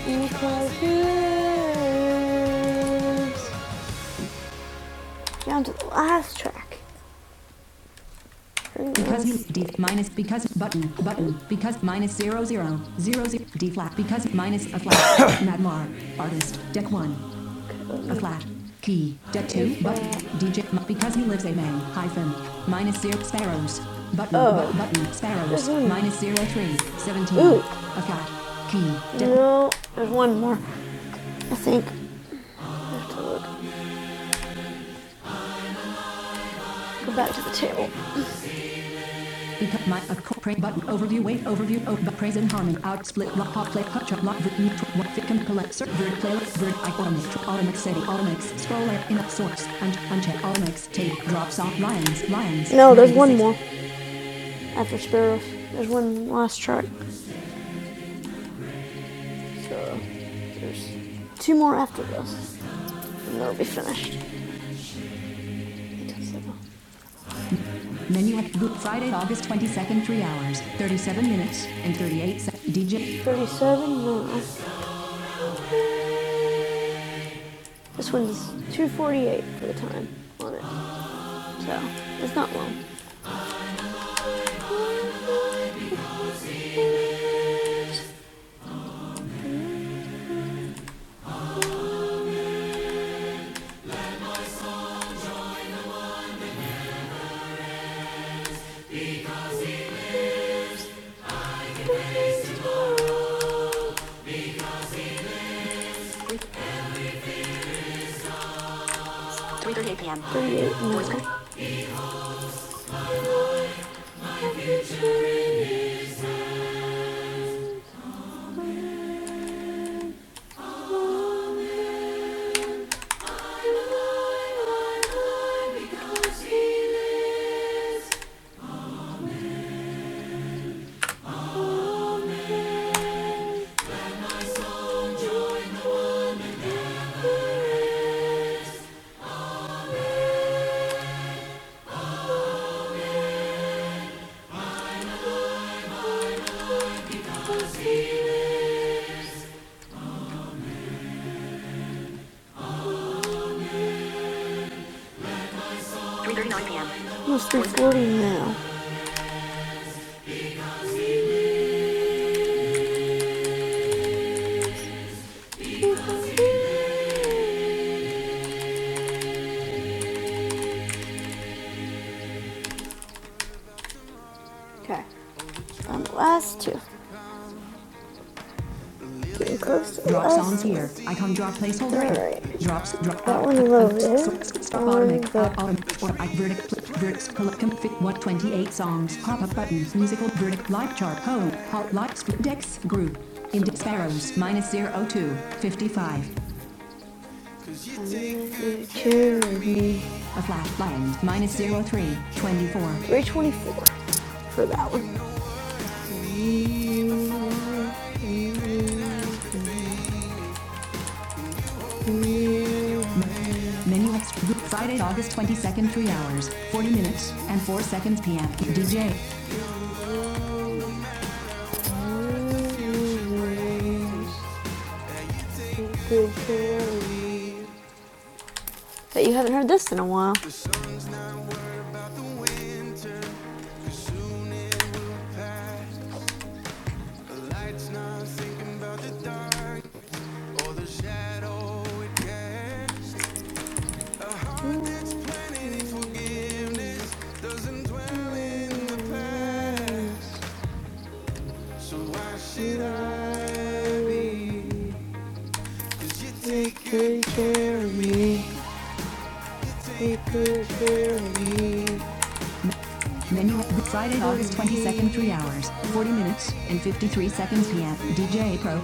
Speaker 1: because you Down to the last track. because D minus because button button because minus zero zero zero zero D flat because minus a flat Madmar artist deck one a flat key deck two button DJ because he lives a man hyphen minus zero sparrows button Oh. bu- button sparrows Mhm. minus zero three seventeen Ooh. a flat key deck No, there's one more. Go back to the table. Because my of button overview wait overview of praise and harmony out split block hot play hot chop block vert neutral what fit can collect cert vert playlist vert iconic automax city automax scroll app in up source and uncheck automax tape drops off lions lions No, there's one more after Sparrows. There's one last track. So there's two more after this, and they'll be finished. Menu at Good Friday, August 22nd, 3 hours, 37 minutes, and 38 seconds. DJ, Thirty-seven. minutes. This one's 248 for the time on it, so it's not long. 3:38 p.m. Three thirty-nine p.m. Almost 340 now. Okay, on the last two. Drops Drop here. Icon drop placeholder. Alright. Drops. Drop. That one is over there. Stop Um, automatic. Uh, automatic. Or I verdict. Verdict. Config. What 28 songs. Pop up button. Musical. Verdict. Live chart. Home. Hot. Live. Speed. Dex. Group. Index arrows. Minus zero 02. 55. future A flat line. Minus zero 03. 24. 324 for that one. Menu Friday, August 22nd. 3 hours. 40 minutes. And 4 seconds p.m. DJ. Bet you haven't heard this in a while. Menu Friday, August 22nd, 3 hours, 40 minutes, and 53 seconds PM. DJ Pro.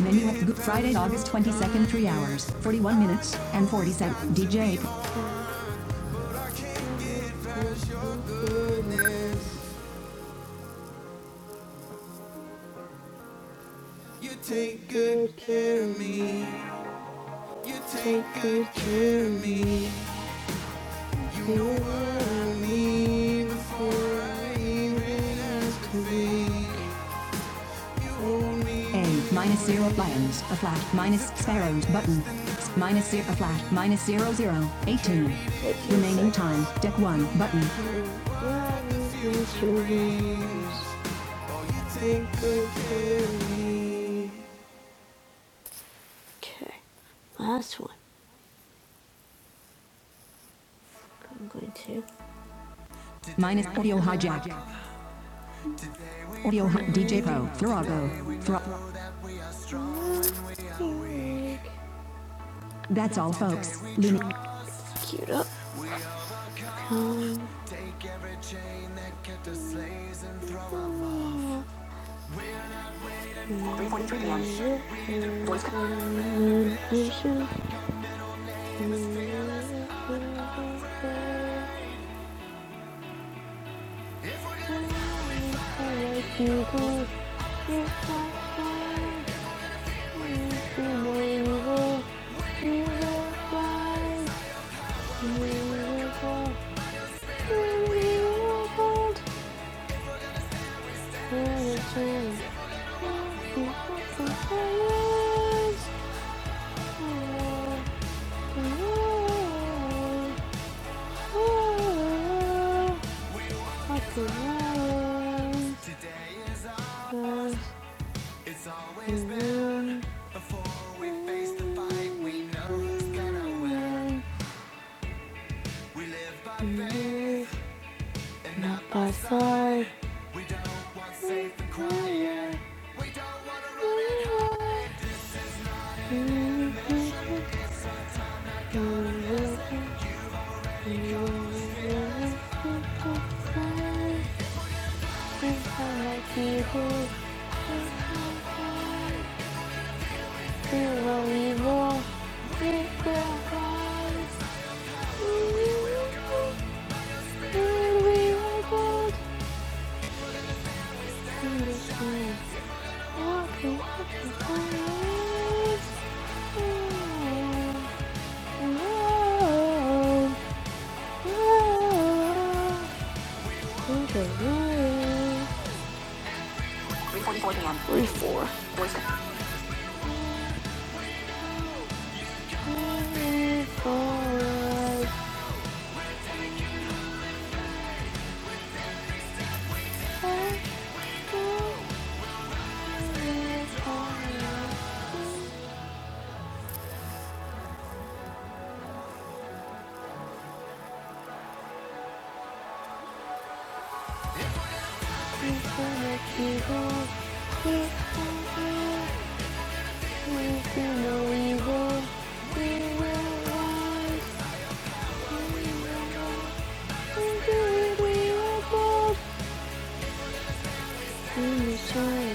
Speaker 1: Menu Friday, August 22nd, 3 hours, 41 minutes, and 40 seconds. DJ Pro. A minus zero lions, a flat minus sparrows button. Minus zero, a flat minus zero zero eighteen. Remaining time, deck one button. Okay, last one. I'm going to. Minus audio hijack. Audio hi- DJ Pro, Frogo. Fro- That's all, folks. Luna. Cute up. By side, Three, four. We will both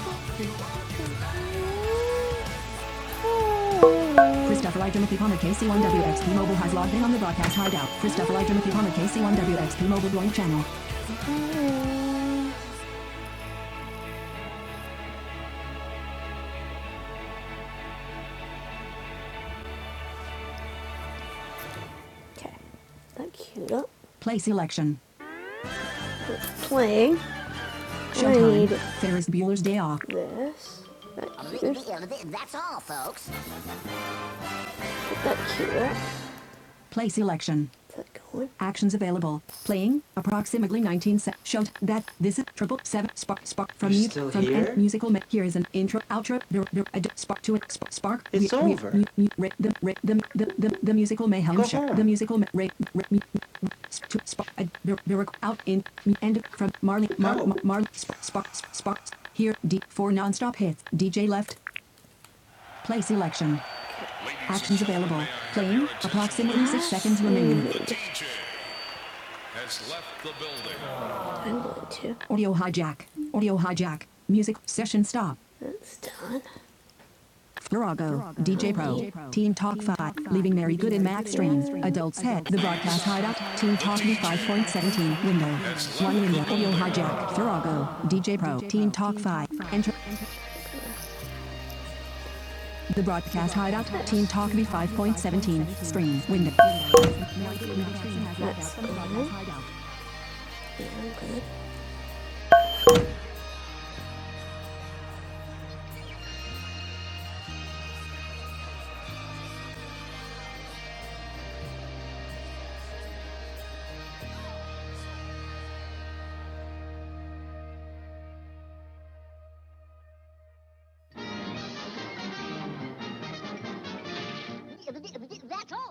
Speaker 1: Thank you. Christopher I. Timothy Palmer KC1WXP Mobile has logged in on the broadcast hideout. Christopher I. Timothy Palmer KC1WXP Mobile joint channel. Okay. That queued up. Play selection. Playing. Showtime. Ferris Bueller's Day Off. this. Get that queued up. Play selection. Actions available. Playing approximately 19 seconds. Showed that this is triple seven spark spark from you mute from end musical. Here is an intro outro. spark to it. Spark. It's over. the, re- the, the, musical mayhem Go show. The musical ma- spark out in mu- end from Marley Mar, Mar, Marley spark spark Here D four non-stop hits. DJ left. Play selection. Actions available. Playing approximately six seconds remaining. Audio hijack. Audio hijack. Music session stop. Virago. DJ Pro. Team Talk 5. Leaving Mary Good and Max Stream. Adults head. The broadcast hideout. Team Talk V5.17. Window. One window. Audio hijack. Virago. DJ Pro. Team Talk 5. Enter. The broadcast hideout. Team Talk V5.17. Stream. Window. That's all.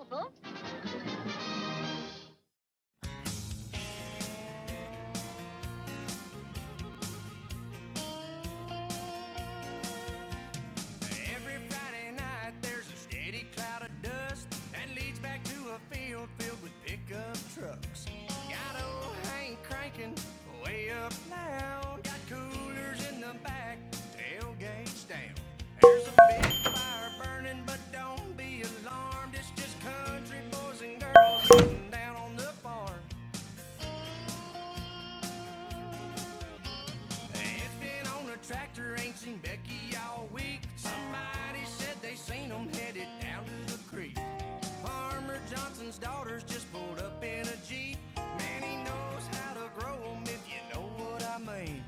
Speaker 1: folks. Every Friday night, there's a steady cloud of dust that leads back to a field filled with pickup trucks. Got old Hank cranking way up loud. Got coolers in the back, tailgates down. There's a big fire burning, but don't be alarmed. It's just country boys and girls sitting down on the farm. If been on a tractor, ain't seen Becky all week. Somebody said they seen 'em headed down to the creek. Farmer Johnson's daughter's just pulled up in a Jeep. Man, he knows how to grow 'em if you know what I mean.